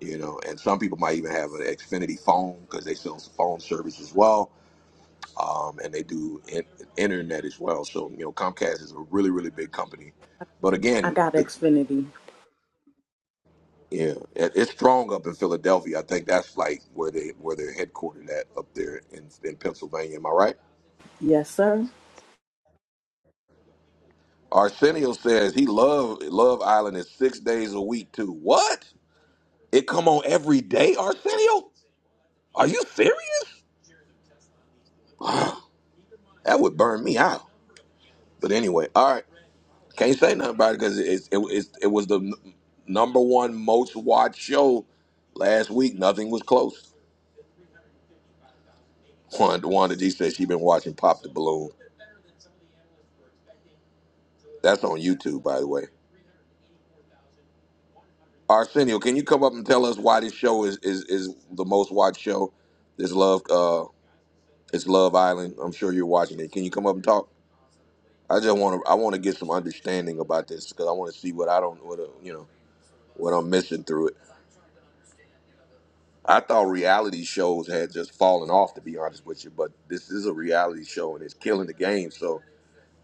Speaker 1: You know, and some people might even have an Xfinity phone because they sell some phone service as well, um, and they do in- internet as well. So you know, Comcast is a really really big company. But
Speaker 4: I
Speaker 1: again,
Speaker 4: got
Speaker 1: the.
Speaker 4: Xfinity.
Speaker 1: Yeah, it- it's strong up in Philadelphia. I think that's like where they where they're headquartered at up there in in Pennsylvania. Am I right?
Speaker 4: Yes, sir.
Speaker 1: Arsenio says he love Love Island is six days a week too. What? It come on every day, Arsenio? Are you serious? that would burn me out. But anyway, all right. Can't say nothing about it because it, it, it, it was the n- number one most watched show last week. Nothing was close. Wanda, Wanda G said she been watching Pop the Balloon. That's on YouTube, by the way. Arsenio, can you come up and tell us why this show is is, is the most watched show? This love uh it's Love Island. I'm sure you're watching it. Can you come up and talk? I just want to I want to get some understanding about this because I want to see what I don't what uh, you know what I'm missing through it. I thought reality shows had just fallen off to be honest with you, but this is a reality show and it's killing the game. So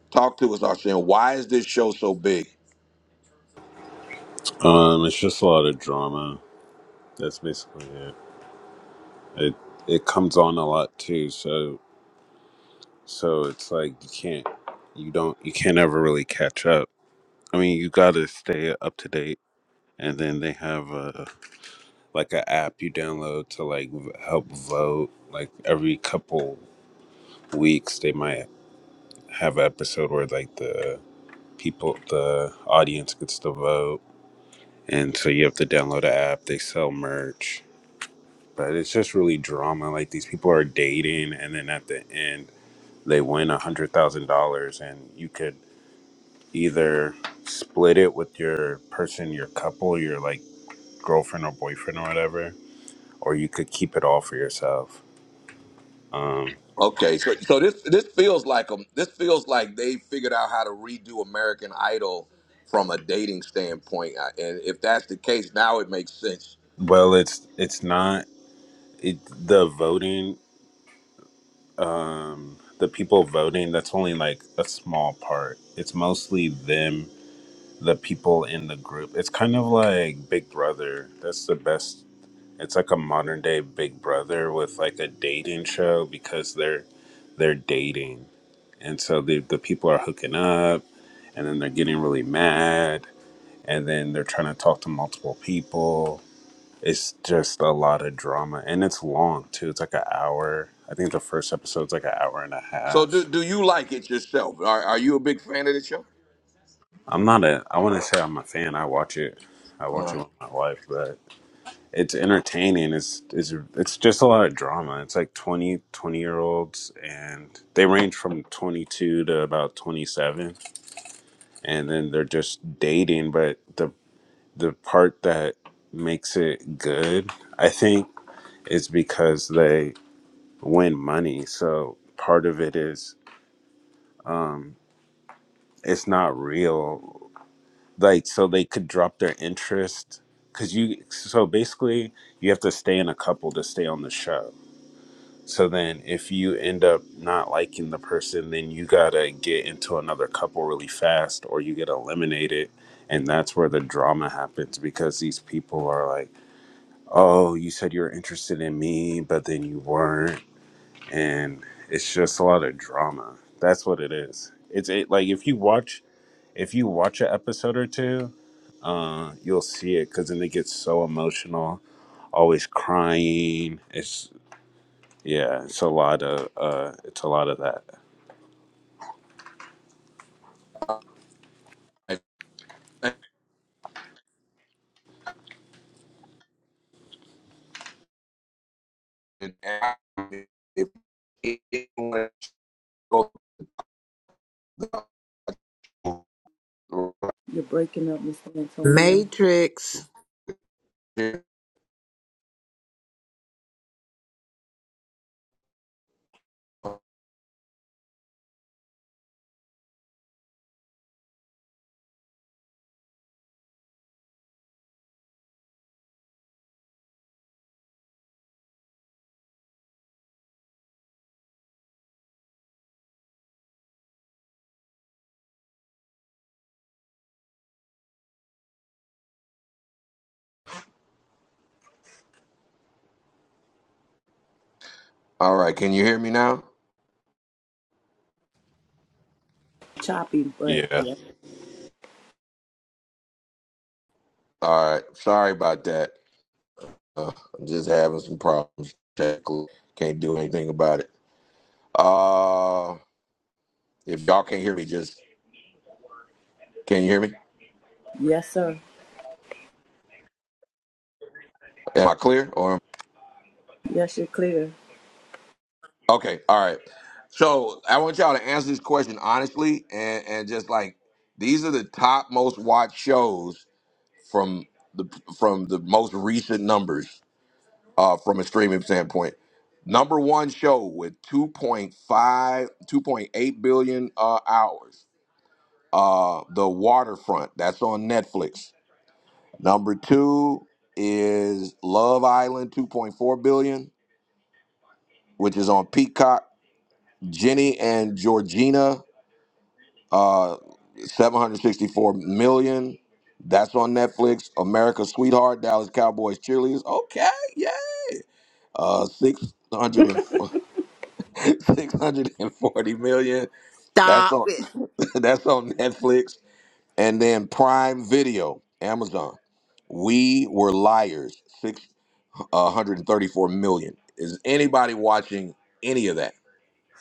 Speaker 1: talk to us, Arsenio. Why is this show so big?
Speaker 16: Um, it's just a lot of drama. That's basically it. It it comes on a lot too, so so it's like you can't you don't you can't ever really catch up. I mean, you got to stay up to date, and then they have a like an app you download to like v- help vote. Like every couple weeks, they might have an episode where like the people the audience gets to vote, and so you have to download an app. They sell merch but it's just really drama. Like these people are dating, and then at the end, they win a hundred thousand dollars, and you could either split it with your person, your couple, your like girlfriend or boyfriend or whatever, or you could keep it all for yourself. Um,
Speaker 1: Okay, so so this this feels like um this feels like they figured out how to redo American Idol from a dating standpoint, I- and if that's the case, now it makes sense.
Speaker 16: well, it's it's not it, the voting, um, the people voting. That's only like a small part. It's mostly them the people in the group. It's kind of like Big Brother. That's the best. It's like a modern day Big Brother with like a dating show because they're they're dating, and so the the people are hooking up, and then they're getting really mad, and then they're trying to talk to multiple people. It's just a lot of drama, and it's long too. It's like an hour. I think the first episode's like an hour and a
Speaker 1: So do
Speaker 16: half.
Speaker 1: do you like it yourself? Are are you a big fan of the show?
Speaker 16: I'm not a. I want to say I'm a fan. I watch it. I
Speaker 1: All
Speaker 16: watch it with my wife, but it's entertaining it's it's it's just a lot of drama it's like 20 20 year olds and they range from 22 to about 27 and then they're just dating but the the part that makes it good i think is because they win money so part of it is um it's not real like so they could drop their interest because you so basically you have to stay in a couple to stay on the show So then, if you end up not liking the person, then you gotta get into another couple really fast, or you get eliminated, and that's where the drama happens because these people are like, "Oh, you said you were interested in me, but then you weren't," and it's just a lot of drama. That's what it is. It's it like if you watch if you watch an episode or two, uh, you'll see it because then it gets so emotional, always crying. It's yeah, it's a lot of uh, it's a lot of that.
Speaker 1: right. And- and and If anyone goes-
Speaker 4: You're breaking up, Mr. Antonio.
Speaker 3: Matrix.
Speaker 1: all right, can you hear me now?
Speaker 4: Choppy, but
Speaker 16: Yeah,
Speaker 4: yes,
Speaker 1: All right, sorry about that. Uh, I'm just having some problems. Technical, Can't do anything about it. Uh, if y'all can't hear me, just can you hear me?
Speaker 4: yes, sir.
Speaker 1: Am I clear? Or
Speaker 4: Yes, you're clear.
Speaker 1: okay, all right. So I want y'all to answer this question honestly, and and just like these are the top most watched shows from the from the most recent numbers uh, from a streaming standpoint. Number one show with two point five, two point eight billion uh, hours. Uh, the Waterfront. That's on Netflix. Number two is Love Island, 2.4 billion, which is on Peacock. Jenny and Georgina, uh, 764 million. That's on Netflix. America's Sweetheart, Dallas Cowboys cheerleaders. Okay, yeah. Uh, 600 640 million. That's
Speaker 3: Stop
Speaker 1: on
Speaker 3: it.
Speaker 1: that's on Netflix. And then Prime Video, Amazon. We were liars. 134 million. Is anybody watching any of that?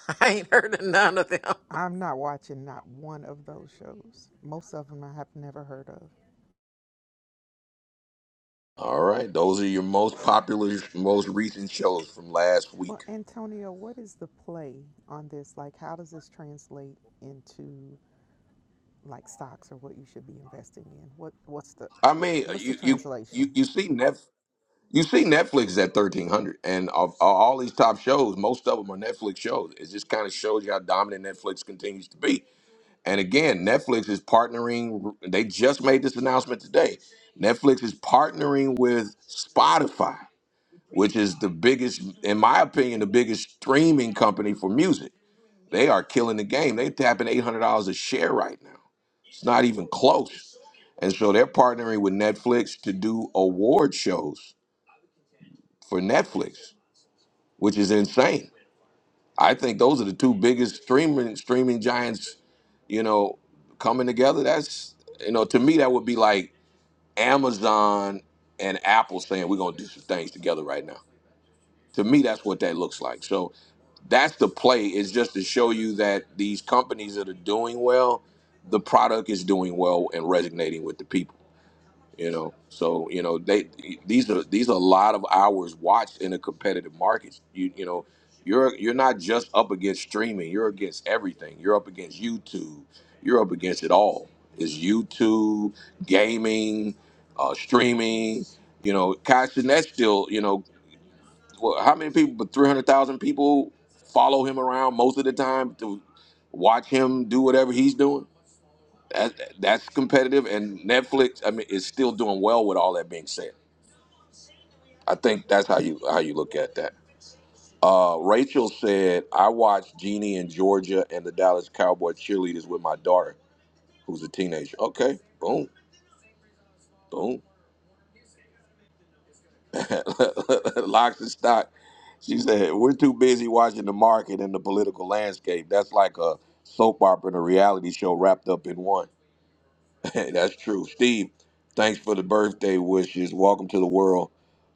Speaker 3: I ain't heard of none of them.
Speaker 14: i'm not watching not one of those shows most of them i have never heard of
Speaker 1: All right, those are your most popular, most recent shows from last
Speaker 14: but
Speaker 1: week.
Speaker 14: antonio what is the play on this like how does this translate into like stocks or what you should be investing in what what's the
Speaker 1: I mean, uh,
Speaker 14: what's the
Speaker 1: you you
Speaker 14: translation
Speaker 1: you, you see Netf you see Netflix at 1300, and of, of all these top shows, most of them are Netflix shows. It just kind of shows you how dominant Netflix continues to be. And again, Netflix is partnering. They just made this announcement today. Netflix is partnering with Spotify which is the biggest, in my opinion, the biggest streaming company for music. They are killing the game. They tapping eight hundred dollars a share right now. It's not even close. And so they're partnering with Netflix to do award shows for Netflix, which is insane. I think those are the two biggest streaming streaming giants, you know, coming together. That's you know, to me that would be like Amazon and Apple saying we're gonna do some things together right now. to me that's what that looks like so that's the play is just to show you that these companies that are doing well the product is doing well and resonating with the people you know so you know they these are these are a lot of hours watched in a competitive market you you know you're you're not just up against streaming you're against everything you're up against youtube you're up against it all It's youtube gaming uh streaming you know Cash, and that's still you know well, how many people? But three hundred thousand people follow him around most of the time to watch him do whatever he's doing. That, that's competitive, and Netflix, I mean, is still doing well. With all that being said, I think that's how you how you look at that. Uh, Rachel said, "I watched Jeannie in Georgia and the Dallas Cowboy cheerleaders with my daughter, who's a teenager." Okay, boom, boom. Locks and stock. She said, "We're too busy watching the market and the political landscape. That's like a soap opera and a reality show wrapped up in one." That's true. Steve, thanks for the birthday wishes. Welcome to the world,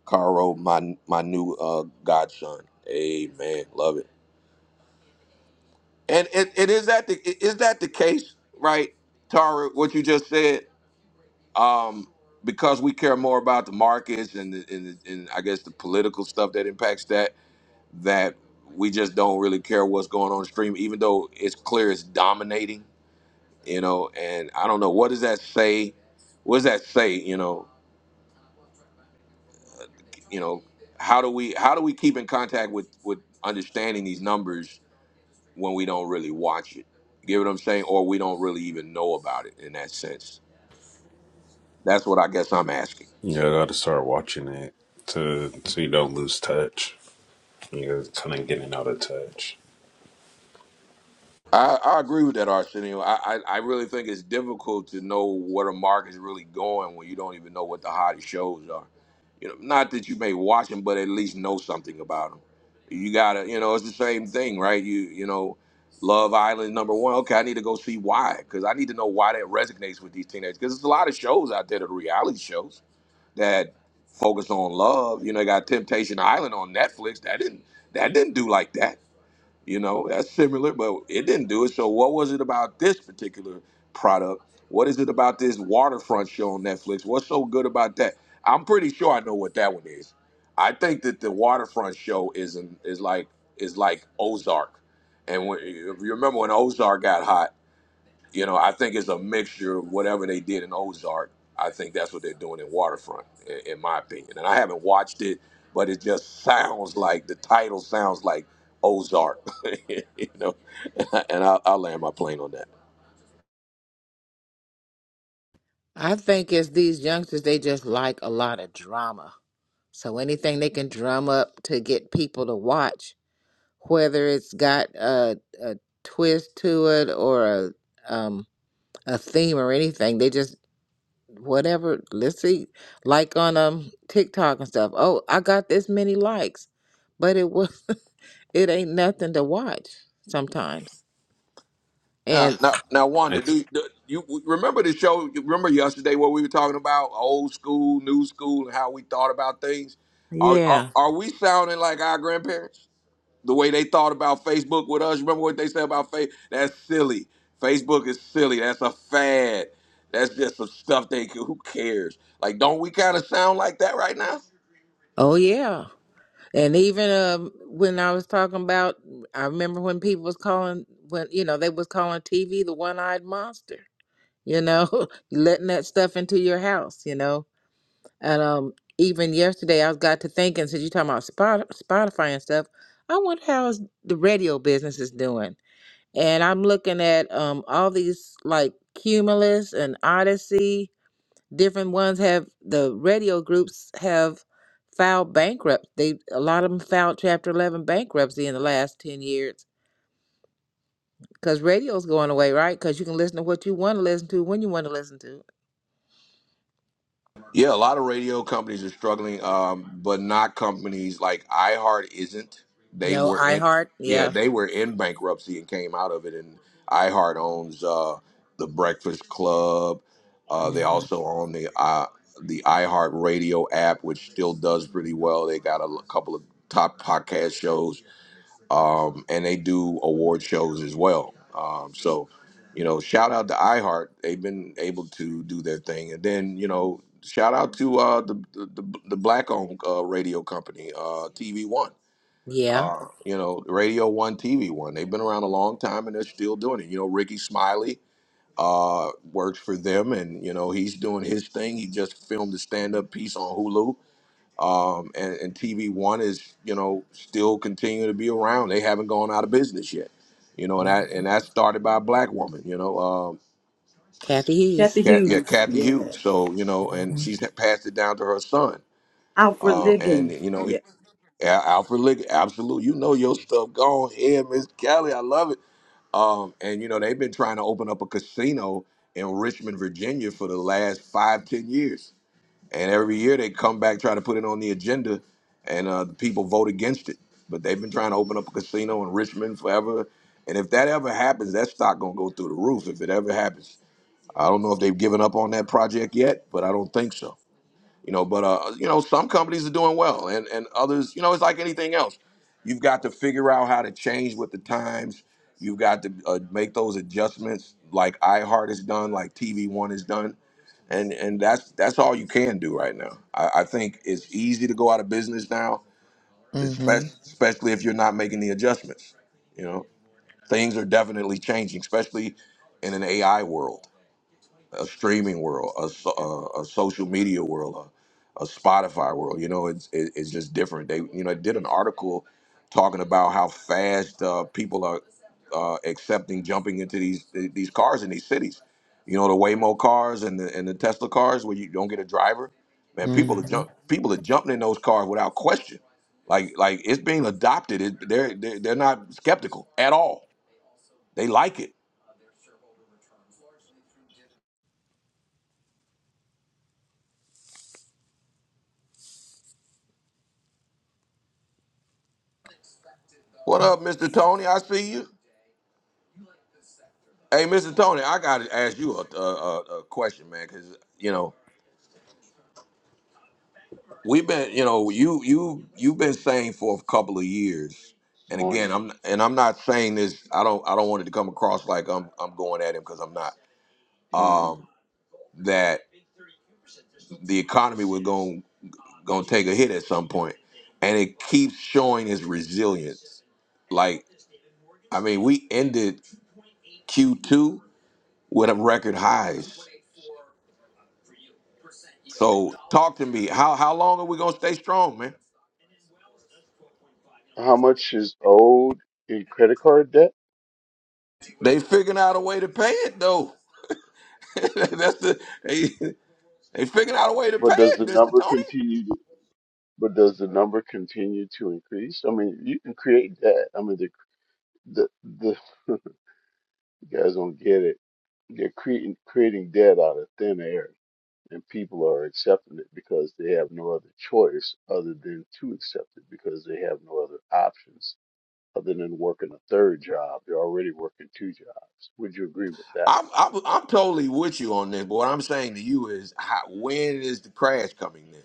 Speaker 1: Caro, my my new uh, godson. Amen. Love it. And, and and is that the is that the case, right, Tara? What you just said. Um, because we care more about the markets and the, and, the, and I guess the political stuff that impacts that that we just don't really care what's going on stream, even though it's clear it's dominating, you know. And I don't know what does that say. What does that say? You know, you know, how do we how do we keep in contact with with understanding these numbers when we don't really watch it? You get what I'm saying, or we don't really even know about it in that sense. That's what I guess I'm asking.
Speaker 16: yeah, I gotta start watching it to so you don't lose touch. You're kind of getting out of touch.
Speaker 1: I, I agree with that, Arsenio. I, I, I really think it's difficult to know where the market's really going when you don't even know what the hottest shows are. You know, not that you may watch them, but at least know something about them. You gotta, you know, it's the same thing, right? You, you know, Love Island number one. Okay, I need to go see why because I need to know why that resonates with these teenagers. Because there's a lot of shows out there, the reality shows that focus on love. You know, they got Temptation Island on Netflix. That didn't that didn't do like that you know, that's similar, but it didn't do it. So, what was it about this particular product? What is it about this waterfront show on Netflix? What's so good about that? I'm pretty sure I know what that one is. I think that the waterfront show is an, is like is like Ozark, and when, if you remember when Ozark got hot. You know, I think it's a mixture of whatever they did in Ozark. I think that's what they're doing in Waterfront, in, in my opinion. And I haven't watched it, but it just sounds like the title sounds like Ozark. you know, and I'll, I'll land my plane on that.
Speaker 3: I think as these youngsters, they just like a lot of drama. So anything they can drum up to get people to watch, whether it's got a, a twist to it or a um, a theme or anything, they just whatever. Let's see, like on um TikTok and stuff. Oh, I got this many likes, but it was it ain't nothing to watch sometimes.
Speaker 1: Now,
Speaker 3: And
Speaker 1: now, now,
Speaker 16: I
Speaker 1: Wanda,
Speaker 16: th-
Speaker 1: do, do you remember the show? you Remember yesterday what we were talking about old school, new school, and how we thought about things? Are are,
Speaker 3: yeah,
Speaker 1: are we sounding like our grandparents? the way they thought about Facebook with us. Remember what they said about Facebook? That's silly. Facebook is silly. That's a fad. That's just some stuff they who cares. Like, don't we kind of sound like that right now?
Speaker 3: oh yeah. And even um, when I was talking about, I remember when people was calling when you know they was calling TV the one eyed monster. You know, letting that stuff into your house. You know, and um, even yesterday I was got to thinking since you talking about Spot- Spotify and stuff, I wonder how is the radio business is doing. And I'm looking at um all these like Cumulus and Odyssey different ones have the radio groups have filed bankrupt. They a lot of them filed Chapter Eleven bankruptcy in the last ten years because radio's going away, right? Because you can listen to what you want to listen to when you want to listen to. it.
Speaker 1: Yeah, a lot of radio companies are struggling, um, but not companies like iHeart isn't. They
Speaker 3: No
Speaker 1: were in,
Speaker 3: iHeart,
Speaker 1: yeah,
Speaker 3: yeah,
Speaker 1: they were in bankruptcy and came out of it. And iHeart owns uh, the Breakfast Club. Uh,
Speaker 3: hmm
Speaker 1: they also own the uh, the iHeart Radio app, which still does pretty well. They got a l- couple of top podcast shows um, and they do award shows as well. Um, so, you know, shout out to iHeart. They've been able to do their thing, and then you know, shout out to uh, the, the the black-owned uh, radio company, uh, TV One.
Speaker 3: yeah.
Speaker 1: Uh, you know, Radio One, TV One. They've been around a long time, and they're still doing it. You know, Ricky Smiley uh works for them and you know he's doing his thing he just filmed a stand-up piece on hulu um, and, and TV One is you know still continuing to be around. They haven't gone out of business yet, you know, and
Speaker 3: hmm
Speaker 1: that and that's started by a black woman, you know, um,
Speaker 3: Kathy Hughes.
Speaker 4: Kathy
Speaker 1: Kat, yeah,
Speaker 4: Hughes.
Speaker 1: Kathy
Speaker 4: Yeah.
Speaker 1: Hughes. So you know, and
Speaker 3: Mm-hmm.
Speaker 1: she's passed it down to her son,
Speaker 4: Alfred
Speaker 1: um, and
Speaker 4: Liggins.
Speaker 1: you know,
Speaker 4: Yeah.
Speaker 1: he, Al- Alfred Liggett, absolute, you know your stuff. Go on here, Miss Kelly, I love it. Um, and you know, they've been trying to open up a casino in Richmond, Virginia, for the last five ten years and every year they come back try to put it on the agenda, and uh, the people vote against it. But they've been trying to open up a casino in Richmond forever. And if that ever happens, that stock gonna go through the roof. If it ever happens, I don't know if they've given up on that project yet, but I don't think so. You know, but uh, you know, some companies are doing well, and and others, you know, it's like anything else. You've got to figure out how to change with the times. You've got to uh, make those adjustments, like iHeart has done, like TV One has done and and that's that's all you can do right now. I, I think it's easy to go out of business now,
Speaker 3: hmm
Speaker 1: especially especially if you're not making the adjustments. You know, things are definitely changing, especially in an AI world a streaming world, a, so- a, a social media world, a, a Spotify world. You know, it's it, it's just different. They you know did an article talking about how fast uh, people are uh, accepting jumping into these these cars in these cities. You know, the Waymo cars and the and the Tesla cars where you don't get a driver. Man, people are
Speaker 3: hmm
Speaker 1: jump people are jumping in those cars without question. Like like it's being adopted. It, they're, they're they're not skeptical at all. They like it. What up, Mr. Tony? I see you. Hey, Mr. Tony, I gotta ask you a, a, a a question, man, because you know we've been, you know, you you you've been saying for a couple of years, and
Speaker 17: morning.
Speaker 1: again, I'm and I'm not saying this. I don't I don't want it to come across like I'm I'm going at him because I'm not.
Speaker 17: hmm
Speaker 1: Um, that the economy was going going to take a hit at some point, and it keeps showing its resilience. Like I mean, we ended Q2 with a record highs. So talk to me. How how long are we gonna stay strong, man?
Speaker 17: How much is owed in credit card debt?
Speaker 1: They figuring out a way to pay it though. That's the they, they figuring out a way to pay
Speaker 17: But does
Speaker 1: it,
Speaker 17: the
Speaker 1: Mister
Speaker 17: number
Speaker 1: Tony.
Speaker 17: continue? To, but does the number continue to increase? I mean, you can create debt. I mean, the the, the you guys don't get it. They're creating creating debt out of thin air, and people are accepting it because they have no other choice other than to accept it because they have no other options other than working a third job. They're already working two jobs. Would you agree with that?
Speaker 1: I'm, I'm I'm totally with you on this. But what I'm saying to you is, how, when is the crash coming? Then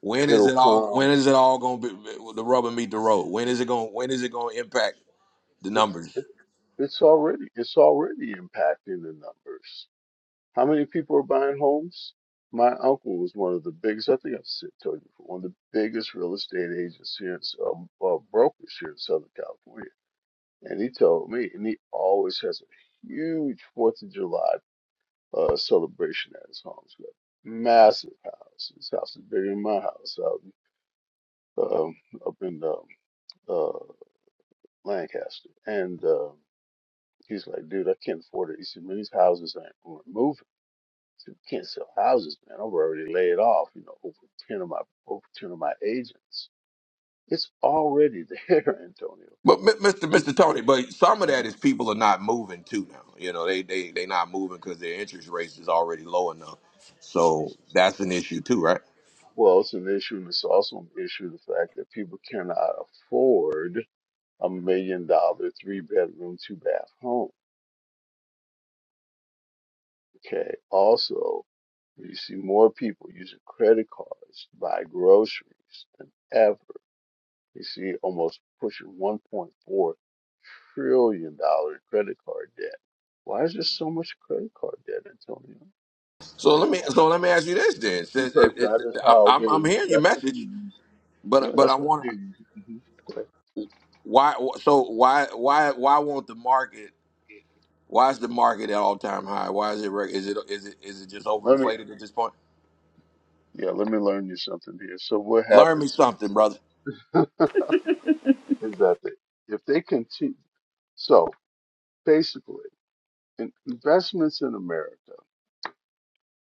Speaker 1: when is
Speaker 17: It'll
Speaker 1: it all? When
Speaker 17: come.
Speaker 1: is it all going to be the rubber meet the road? When is it going? When is it going to impact the numbers?
Speaker 17: It's already it's already impacting the numbers. How many people are buying homes? My uncle was one of the biggest. I think I've said- told you before, one of the biggest real estate agents here, in S- um, uh, brokers here in Southern California, and he told me, and he always has a huge Fourth of July uh, celebration at his home. He's Got massive house. His house is bigger than my house out um, up in um, uh, Lancaster, and. uh, He's like, dude, I can't afford it. He said, man, these houses ain't aren't moving. He said, we can't sell houses, man. I've already laid off, you know, over ten of my over ten of my agents. It's already there, Antonio.
Speaker 1: But Mi- Mr.
Speaker 17: We
Speaker 1: Mr. Tony, but some of that is people are not moving too now. You know, they they they not moving because their interest rates is already low enough. So that's an issue too, right?
Speaker 17: Well, it's an issue, and it's also an issue the fact that people cannot afford a million dollar three bedroom two bath home. Okay. Also, you see more people using credit cards to buy groceries than ever You see, almost pushing $1.4 trillion dollars credit card debt. Why is there so much credit card debt, Antonio?
Speaker 1: So let me
Speaker 17: Why?
Speaker 1: so let me ask you this then, since if,
Speaker 17: Because
Speaker 1: if,
Speaker 17: that is
Speaker 1: I'm
Speaker 17: how
Speaker 1: I'm I'm
Speaker 17: they,
Speaker 1: hearing your
Speaker 17: that's what they
Speaker 1: message,
Speaker 17: use.
Speaker 1: but
Speaker 17: Yeah,
Speaker 1: but I
Speaker 17: that's what
Speaker 1: want
Speaker 17: they use. hmm
Speaker 1: why so why why why won't the market why is the market at all time high? Why is it reg- is it is it is it just
Speaker 17: Let me,
Speaker 1: overinflated at this point?
Speaker 17: yeah, let me learn you something here. So what
Speaker 1: Learn me
Speaker 17: happens
Speaker 1: something, brother.
Speaker 17: is, is that they, if they continue, so basically, in investments in America.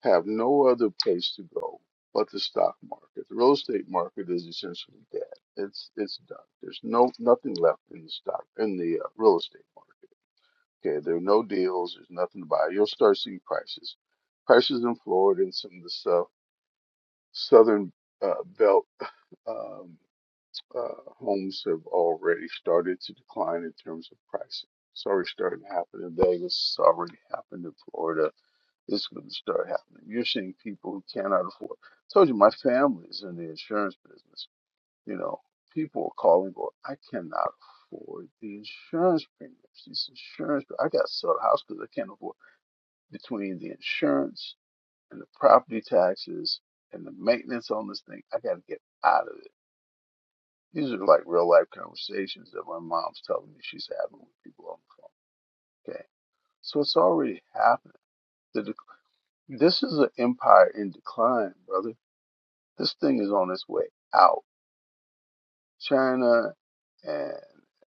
Speaker 17: have no other place to go but the stock market. The real estate market is essentially dead. It's it's done. There's no nothing left in the stock in the uh, real estate market. Okay, there are no deals. There's nothing to buy. You'll start seeing prices, prices in Florida and some of the sou- southern uh, belt um, uh, homes have already started to decline in terms of pricing. It's already starting to happen in Vegas. It's already happened in Florida it's going to start happening. You're seeing people who cannot afford. I told you my family's in the insurance business. You know, people are calling, going, I cannot afford the insurance premiums. These insurance, I got to sell the house because I can't afford between the insurance and the property taxes and the maintenance on this thing. I got to get out of it. These are like real life conversations that my mom's telling me she's having with people on the phone. Okay, so it's already happening. The dec- this is an empire in decline, brother This thing is on its way out. China and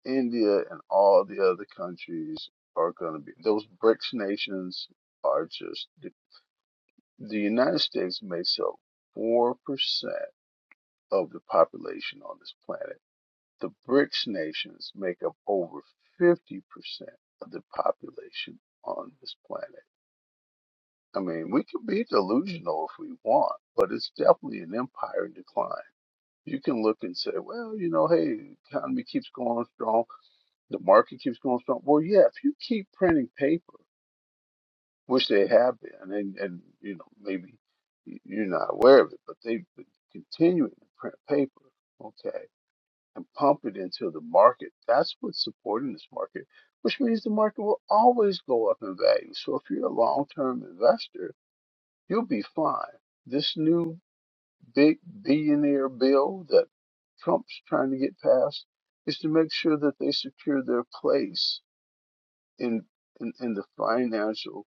Speaker 17: India and all the other countries are going to be those BRICS nations are just the, the United States makes up four percent of the population on this planet. The BRICS nations make up over fifty percent of the population on this planet. I mean, we can be delusional if we want, but it's definitely an empire in decline. you can look and say, well, you know, hey, the economy keeps going strong, the market keeps going strong. Well, yeah, if you keep printing paper, which they have been, and and you know maybe you're not aware of it, but they've been continuing to print paper, okay, and pump it into the market. That's what's supporting this market, which means the market will always go up in value. So if you're a long-term investor, you'll be fine. This new big billionaire bill that Trump's trying to get passed is to make sure that they secure their place in in, in the financial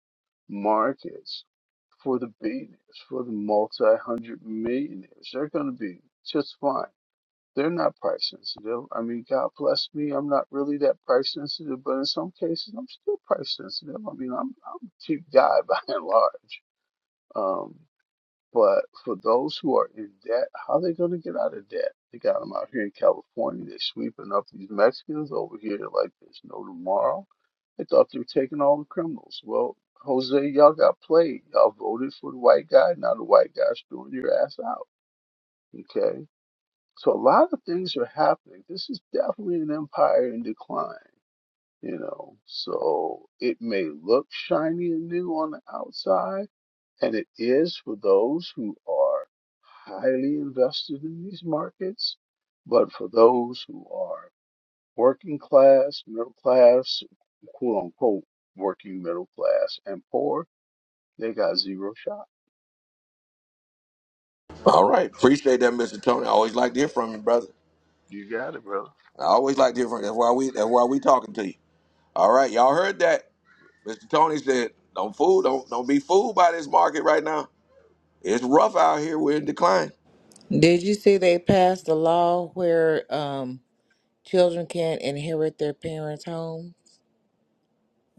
Speaker 17: markets for the billionaires, for the multi hundred millionaires. They're going to be just fine. They're not price sensitive. I mean, God bless me, I'm not really that price sensitive, but in some cases, I'm still price sensitive. I mean, I'm, I'm a cheap guy by and large. Um, but for those who are in debt, how are they going to get out of debt? They got them out here in California. They're sweeping up these Mexicans over here like there's no tomorrow. They thought they were taking all the criminals. Well, Jose, y'all got played. Y'all voted for the white guy. Now the white guy's throwing your ass out. Okay? So a lot of things are happening. This is definitely an empire in decline, you know. So it may look shiny and new on the outside and it is for those who are highly invested in these markets, but for those who are working class, middle class, quote unquote, working middle class, and poor, they got zero shot.
Speaker 1: All right, appreciate that, Mister Tony. I always like to hear from you, brother.
Speaker 17: You got it, brother.
Speaker 1: I always like to hear from you. That's why we that's why we talking to you. All right, y'all heard that, Mister Tony said. Don't fool, don't don't be fooled by this market right now. It's rough out here. We're in decline.
Speaker 3: Did you see they passed a law where um, children can't inherit their parents' home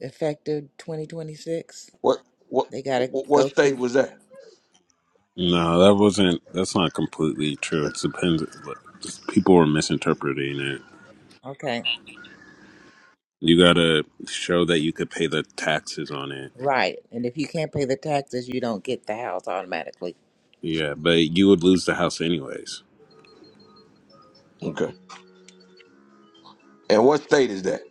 Speaker 3: effective 2026?
Speaker 1: What what
Speaker 3: They got to
Speaker 1: what what
Speaker 3: go
Speaker 1: state
Speaker 3: through
Speaker 1: was that?
Speaker 16: no, that wasn't. That's not completely true. It depends. like, just People were misinterpreting it.
Speaker 3: Okay.
Speaker 16: You gotta show that you could pay the taxes on it.
Speaker 3: Right. And if you can't pay the taxes, you don't get the house automatically.
Speaker 16: Yeah, but you would lose the house anyways.
Speaker 1: Okay. And what state is that?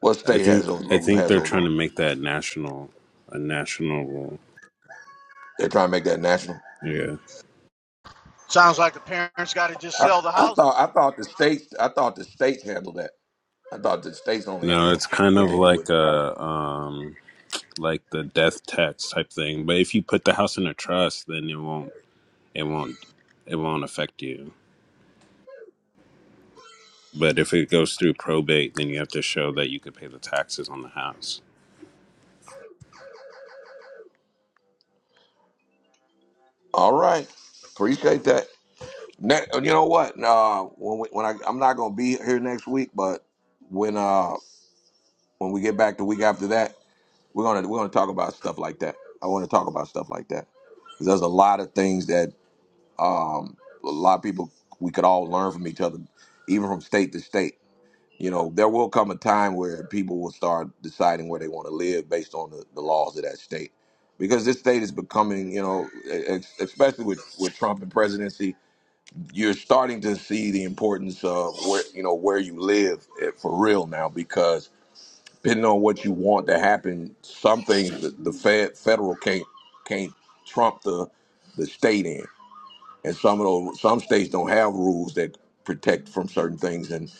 Speaker 1: What
Speaker 16: I
Speaker 1: state has
Speaker 16: think.
Speaker 1: those
Speaker 16: I think
Speaker 1: has
Speaker 16: they're
Speaker 1: those
Speaker 16: trying
Speaker 1: laws?
Speaker 16: to make that national, a national rule.
Speaker 1: They're trying to make that national.
Speaker 16: Yeah.
Speaker 12: Sounds like the parents got to just
Speaker 1: I,
Speaker 12: sell the
Speaker 1: I
Speaker 12: houses.
Speaker 1: thought I thought the states I thought the states handle that. I thought the states only
Speaker 16: No,
Speaker 1: handle
Speaker 16: it's kind
Speaker 1: what
Speaker 16: of
Speaker 1: they do with
Speaker 16: like
Speaker 1: the house.
Speaker 16: a. Um, like the death tax type thing. But if you put the house in a trust, then it won't it won't it won't affect you. But if it goes through probate, then you have to show that you could pay the taxes on the house.
Speaker 1: All right, appreciate that. Ne- you know what? Uh, when we, when I I'm not gonna be here next week, but when uh when we get back the week after that, we're gonna we're gonna talk about stuff like that. I want to talk about stuff like that because there's a lot of things that Um, a lot of people, we could all learn from each other, even from state to state. You know, there will come a time where people will start deciding where they want to live based on the, the laws of that state. Because this state is becoming, you know, ex- especially with, with Trump and presidency, you're starting to see the importance of where, you know, where you live eh, for real now. Because depending on what you want to happen, some things the, the fed, federal can't can't trump the the state in and some of those some states don't have rules that protect from certain things and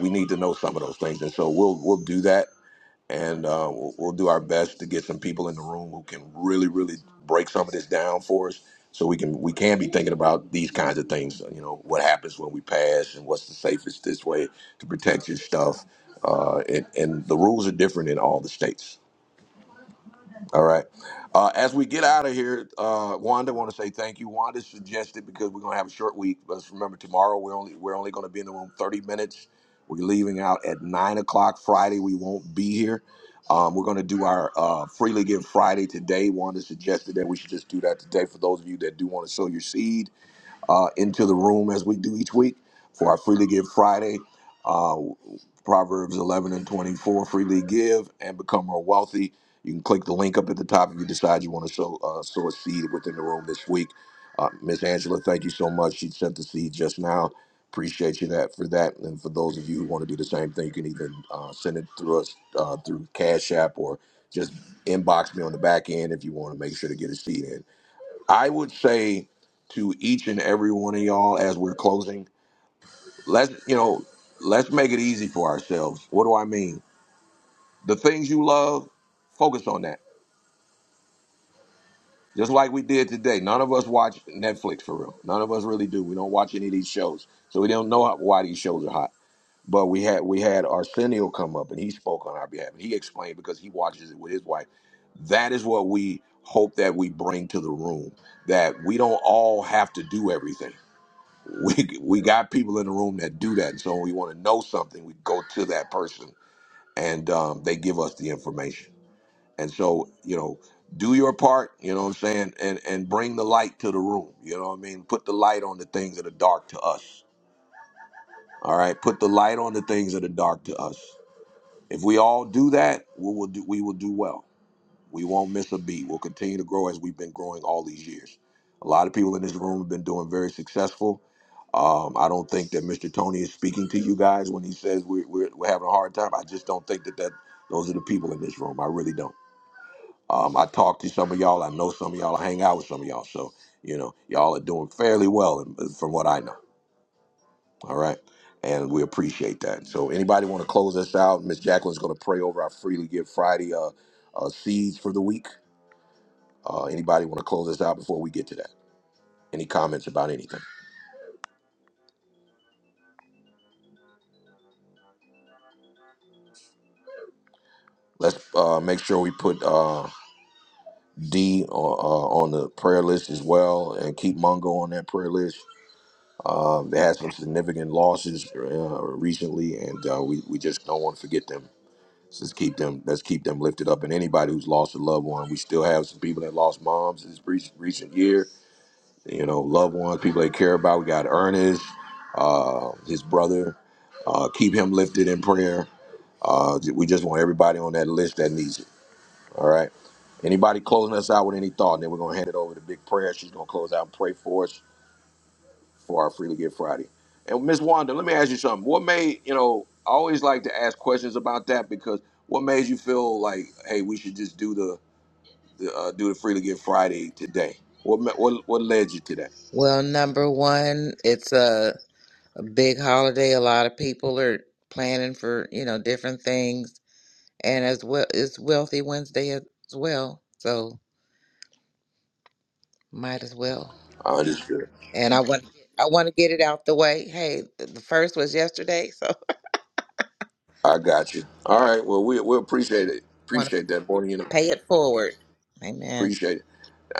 Speaker 1: we need to know some of those things and so we'll we'll do that and uh, we'll, we'll do our best to get some people in the room who can really really break some of this down for us so we can we can be thinking about these kinds of things you know what happens when we pass and what's the safest this way to protect your stuff uh, and, and the rules are different in all the states all right. Uh, as we get out of here, uh, Wanda, want to say thank you. Wanda suggested because we're gonna have a short week. Let's remember tomorrow we're only we're only gonna be in the room thirty minutes. We're leaving out at nine o'clock Friday. We won't be here. Um, we're gonna do our uh, freely give Friday today. Wanda suggested that we should just do that today for those of you that do want to sow your seed uh, into the room as we do each week for our Freely Give Friday. Uh, Proverbs 11 and 24 freely give and become more wealthy. You can click the link up at the top if you decide you want to sow, uh, sow a seed within the room this week. Uh, Miss Angela, thank you so much. She sent the seed just now. Appreciate you that for that. And for those of you who want to do the same thing, you can either uh, send it through us uh, through Cash App or just inbox me on the back end if you want to make sure to get a seed in. I would say to each and every one of y'all as we're closing, let's you know, let's make it easy for ourselves. What do I mean? The things you love, focus on that. Just like we did today. None of us watch Netflix for real. None of us really do. We don't watch any of these shows, so we don't know how, why these shows are hot. But we had we had Arsenio come up and he spoke on our behalf and he explained because he watches it with his wife. That is what we hope that we bring to the room. That we don't all have to do everything we we got people in the room that do that. And So when we want to know something, we go to that person and um, they give us the information. And so you know, do your part. You know what I'm saying, and and bring the light to the room. You know what I mean. Put the light on the things that are dark to us. All right. Put the light on the things that are dark to us. If we all do that, we will do we will do well. We won't miss a beat. We'll continue to grow as we've been growing all these years. A lot of people in this room have been doing very successful. Um, I don't think that Mr. Tony is speaking to you guys when he says we're, we're, we're having a hard time. I just don't think that, that those are the people in this room. I really don't. Um, I talk to some of y'all. I know some of y'all. I hang out with some of y'all. So, you know, y'all are doing fairly well in- uh, from what I know. All right. And we appreciate that. So, anybody want to close us out? Miss Jacqueline's going to pray over our Freely Give Friday uh, uh, seeds for the week. Uh, anybody want to close this out before we get to that? Any comments about anything? Let's uh, make sure we put uh, D on, uh, on the prayer list as well, and keep Mungo on that prayer list. Uh, they had some significant losses uh, recently, and uh, we we just don't want to forget them. So let's keep them. Let's keep them lifted up. And anybody who's lost a loved one, we still have some people that lost moms this re- recent year you know, loved ones, people they care about. We got Ernest, uh, his brother. Uh, keep him lifted in prayer. Uh, we just want everybody on that list that needs it. All right. Anybody closing us out with any thought? And then we're gonna hand it over to Big Prayer. She's gonna close out and pray for us for our Freely Give Friday. And Miss Wanda, let me ask you something. What made you know? I always like to ask questions about that because what made you feel like, hey, we should just do the, the uh, do the Freely Give Friday today? What ma- what what led you to that?
Speaker 3: Well, number one, it's a, a big holiday. A lot of people are planning for, you know, different things. And as well, it's Wealthy Wednesday as well. So might as well.
Speaker 1: I understood.
Speaker 3: And I want I want to get it out the way. Hey, th- the first was yesterday, so
Speaker 1: I got you. All
Speaker 3: yeah.
Speaker 1: right. Well, we we appreciate it.
Speaker 3: Want to
Speaker 1: Appreciate that, boy. You know,
Speaker 3: pay it forward. Amen.
Speaker 1: appreciate it.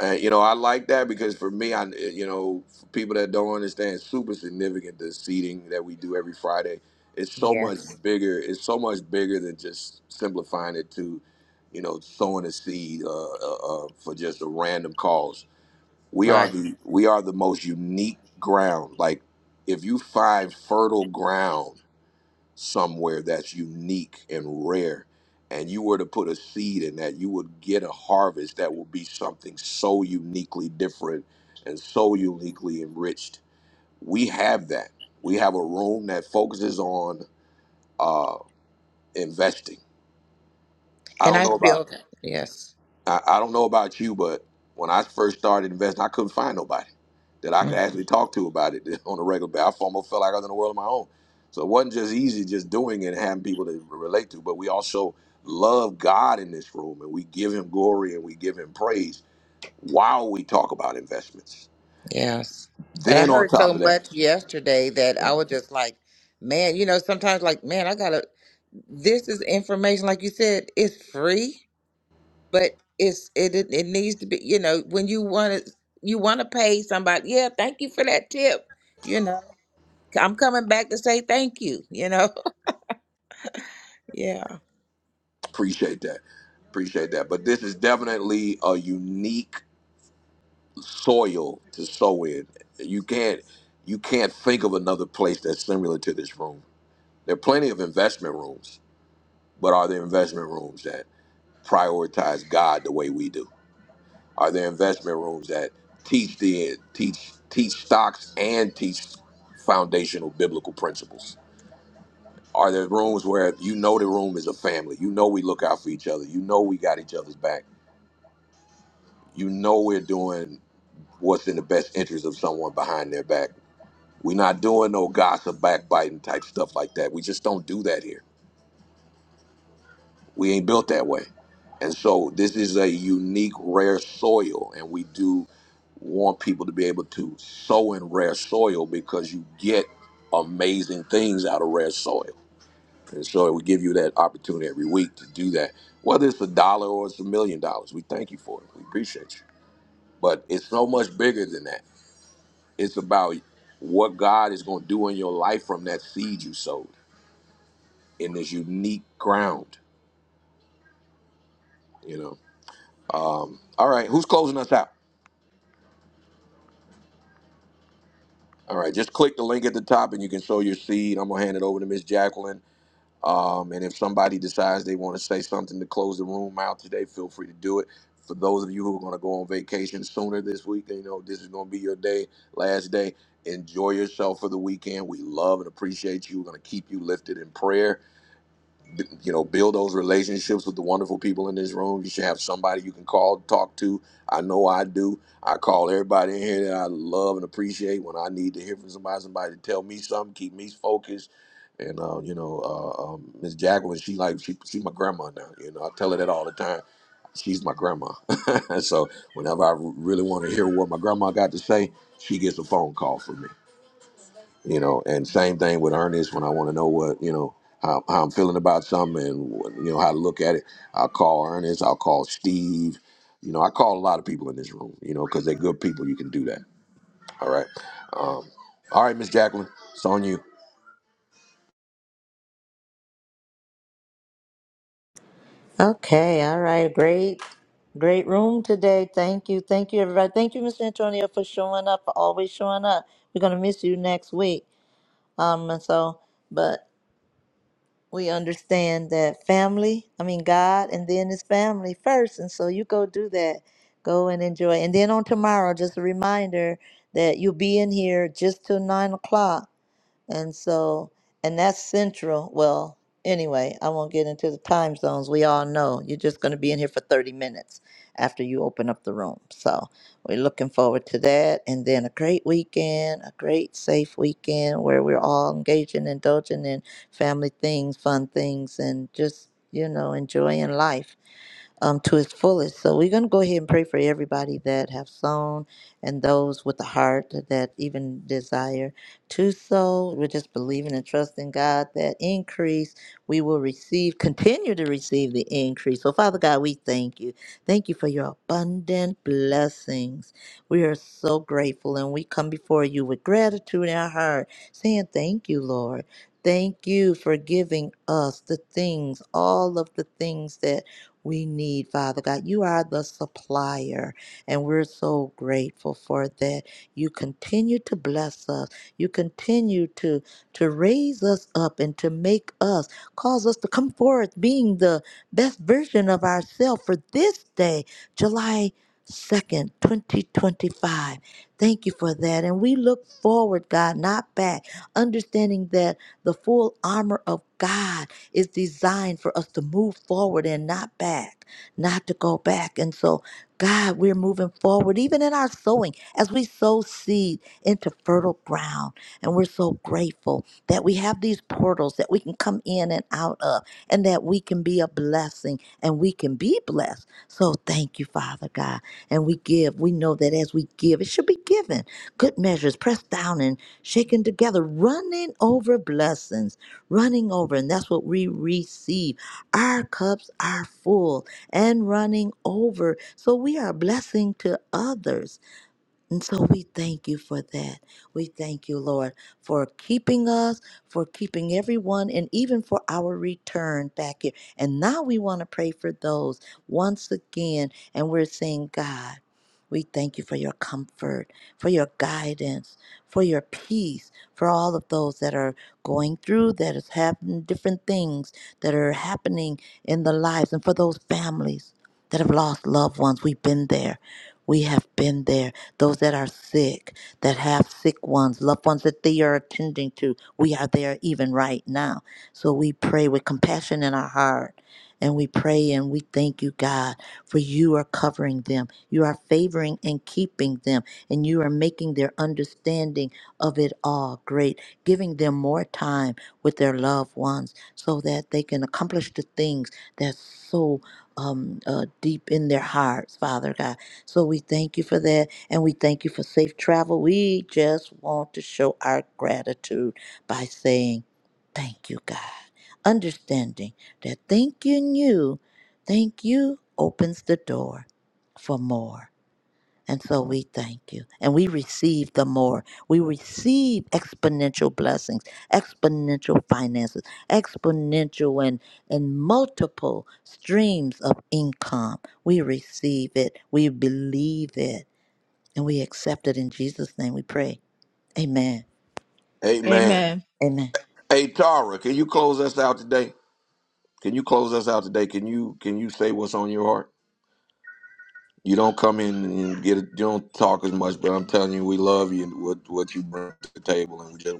Speaker 1: Uh, you know, I like that because for me, I you know, for people that don't understand, it's super significant the seating that we do every Friday. It's so much
Speaker 3: Yes.
Speaker 1: bigger. It's so much bigger than just simplifying it to, you know, sowing a seed uh, uh, uh, for just a random cause. We are
Speaker 3: Right.
Speaker 1: the we are the most unique ground. Like, if you find fertile ground somewhere that's unique and rare and you were to put a seed in that you would get a harvest that will be something so uniquely different and so uniquely enriched we have that we have a room that focuses on uh investing i
Speaker 3: And
Speaker 1: don't
Speaker 3: I
Speaker 1: know about
Speaker 3: feel that. Yes.
Speaker 1: I, I don't know about you, but when I first started investing, I couldn't find nobody that I
Speaker 3: Mm-hmm.
Speaker 1: could actually talk to about it on a regular basis. I almost felt like I was in a world of my own. So it wasn't just easy just doing it and having people to relate to, but we also love God in this room and we give him glory and we give him praise while we talk about investments.
Speaker 3: Yes. And I
Speaker 1: Then on
Speaker 3: heard
Speaker 1: top
Speaker 3: so
Speaker 1: of that,
Speaker 3: much yesterday that I was just like, man, you know, sometimes like, man, I gotta this is information, like you said, it's free, but it's it it, it needs to be, you know, when you wanna you wanna pay somebody, yeah, thank you for that tip. You know. I'm coming back to say thank you, you know. Yeah.
Speaker 1: appreciate that. Appreciate that. But this is definitely a unique soil to sow in. You can't you can't think of another place that's similar to this room. There are plenty of investment rooms, but are there investment rooms that prioritize God the way we do? Are there investment rooms that teach the teach teach stocks and teach foundational biblical principles? Are there rooms where you know the room is a family? You know we look out for each other. You know we got each other's back. You know we're doing what's in the best interest of someone behind their back We're not doing no gossip, backbiting type stuff like that. We just don't do that here. We ain't built that way. And so this is a unique, rare soil, and we do want people to be able to sow in rare soil because you get amazing things out of rare soil. And so we give you that opportunity every week to do that. Whether it's a dollar or it's a million dollars, we thank you for it. We appreciate you. But it's so much bigger than that. It's about what God is going to do in your life from that seed you sowed. in this unique ground. You know. Um, all right, who's closing us out? All right, just click the link at the top and you can sow your seed. I'm gonna hand it over to Miss Jacqueline. Um, and if somebody decides they want to say something to close the room out today, feel free to do it. For those of you who are gonna go on vacation sooner this week, you know this is gonna be your day, last day. Enjoy yourself for the weekend. We love and appreciate you. We're gonna keep you lifted in prayer you know build those relationships with the wonderful people in this room you should have somebody you can call talk to i know i do i call everybody in here that i love and appreciate when i need to hear from somebody somebody to tell me something keep me focused and uh, you know uh, uh, um, miss jacqueline she like she, she's my grandma now you know i tell her that all the time she's my grandma so whenever i really want to hear what my grandma got to say she gets a phone call from me you know and same thing with ernest when i want to know what you know how, how i'm feeling about something and you know how to look at it i'll call ernest i'll call steve you know i call a lot of people in this room you know because they're good people you can do that all right um, all right miss jacqueline it's on you
Speaker 6: Okay, all right. Great, great room today. Thank you. Thank you, everybody. Thank you, Mr. Antonio, for showing up, for always showing up. We're going to miss you next week. Um, and so, but we understand that family, I mean, God, and then His family first. And so you go do that. Go and enjoy. And then on tomorrow, just a reminder that you'll be in here just till nine o'clock. And so, and that's central. Well, anyway, I won't get into the time zones. We all know you're just going to be in here for 30 minutes after you open up the room. So we're looking forward to that. And then a great weekend, a great safe weekend where we're all engaging, indulging in family things, fun things, and just, you know, enjoying life um, to its fullest. So we're going to go ahead and pray for everybody that have sown and those with the heart that even desire to sow. We're just believing and trusting God that increase we will receive, continue to receive the increase. So Father God, we thank you. Thank you for your abundant blessings. We are so grateful and we come before you with gratitude in our heart, saying thank you, Lord. Thank you for giving us the things, all of the things that we need, Father God. You are the supplier, and we're so grateful for that. You continue to bless us. You continue to to raise us up and to make us cause us to come forth being the best version of ourselves for this day, July 2nd, 2025. Thank you for that. And we look forward, God, not back, understanding that the full armor of God is designed for us to move forward and not back, not to go back. And so, God, we're moving forward, even in our sowing, as we sow seed into fertile ground. And we're so grateful that we have these portals that we can come in and out of, and that we can be a blessing and we can be blessed. So, thank you, Father God. And we give. We know that as we give, it should be given. Good measures, pressed down and shaken together, running over blessings running over, and that's what we receive. Our cups are full and running over. So we are a blessing to others. And so we thank you for that. We thank you, Lord, for keeping us, for keeping everyone, and even for our return back here. And now we want to pray for those once again. And we're saying, God, we thank you for your comfort, for your guidance, for your peace, for all of those that are going through, that is happening, different things that are happening in the lives, and for those families that have lost loved ones. We've been there. We have been there those that are sick, that have sick ones, loved ones that they are attending to. We are there even right now. So we pray with compassion in our heart. And we pray and we thank you, God, for you are covering them. You are favoring and keeping them. And you are making their understanding of it all great, giving them more time with their loved ones so that they can accomplish the things that's so um, uh, deep in their hearts, Father God. So we thank you for that and we thank you for safe travel. We just want to show our gratitude by saying, Thank you, God. Understanding that thanking you, thank you opens the door for more. And so we thank you. And we receive the more. We receive exponential blessings, exponential finances, exponential and, and multiple streams of income. We receive it. We believe it and we accept it in Jesus' name we pray. Amen.
Speaker 1: hey man
Speaker 2: Amen.
Speaker 6: Amen.
Speaker 1: hey tara can you close us out today can you close us out today can you can you say what's on your heart you don't come in and get it. you don't talk as much but i'm telling you we love you and what what you bring to the table and we just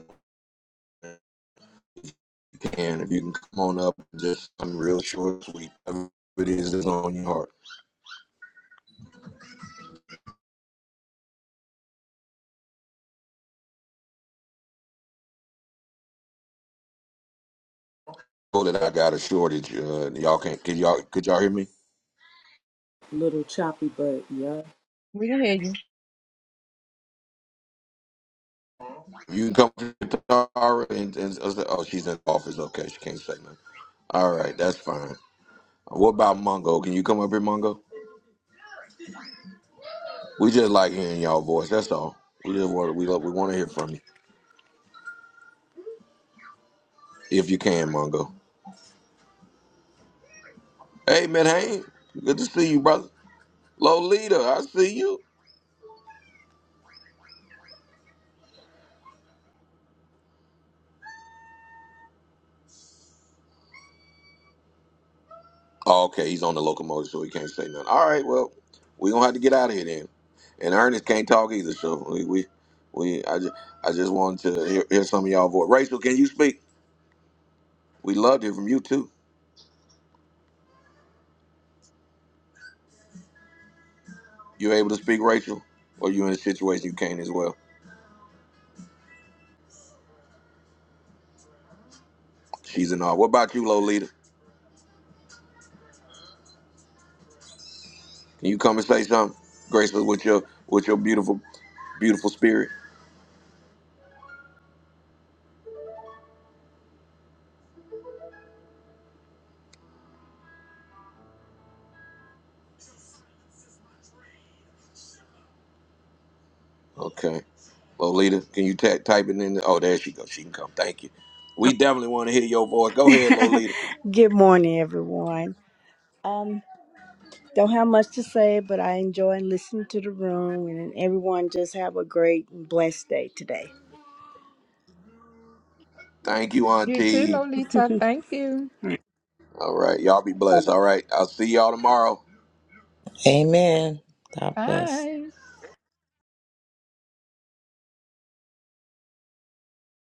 Speaker 1: And if you can come on up, just I'm real short, sweet. Whatever It is that's on your heart. So that I got a shortage. Uh, y'all can't. Can y'all? Could y'all hear me?
Speaker 4: Little choppy, but yeah.
Speaker 2: We hear you
Speaker 1: You can come to Tara and, and us- oh, she's in the office. Okay, she can't say nothing. All right, that's fine. What about Mongo? Can you come up here, Mongo? We just like hearing y'all voice. That's all. We just want we love, we want to hear from you if you can, Mongo. Hey, man, hey, good to see you, brother. Lolita, I see you. Oh, okay, he's on the locomotive, so he can't say nothing. All right, well, we gonna have to get out of here then. And Ernest can't talk either, so we we, we I just I just wanted to hear, hear some of y'all voice. Rachel, can you speak? We love to hear from you too. You able to speak, Rachel, or you in a situation you can't as well? She's in awe. What about you, Lolita? Can you come and say something graceful with your with your beautiful beautiful spirit? Okay, Lolita, can you ta type it in? The, oh, there she goes. She can come. Thank you. We definitely want to hear your voice. Go ahead, Lolita.
Speaker 18: Good morning, everyone. Um, don't have much to say, but I enjoy listening to the room, and everyone just have a great and blessed day today.
Speaker 1: Thank you,
Speaker 2: You too,
Speaker 1: Auntie.
Speaker 2: Lolita. Thank you.
Speaker 18: Bye
Speaker 1: All right. Y'all be
Speaker 18: bye.
Speaker 1: blessed. All right. I'll see y'all tomorrow.
Speaker 3: Amen. God bless.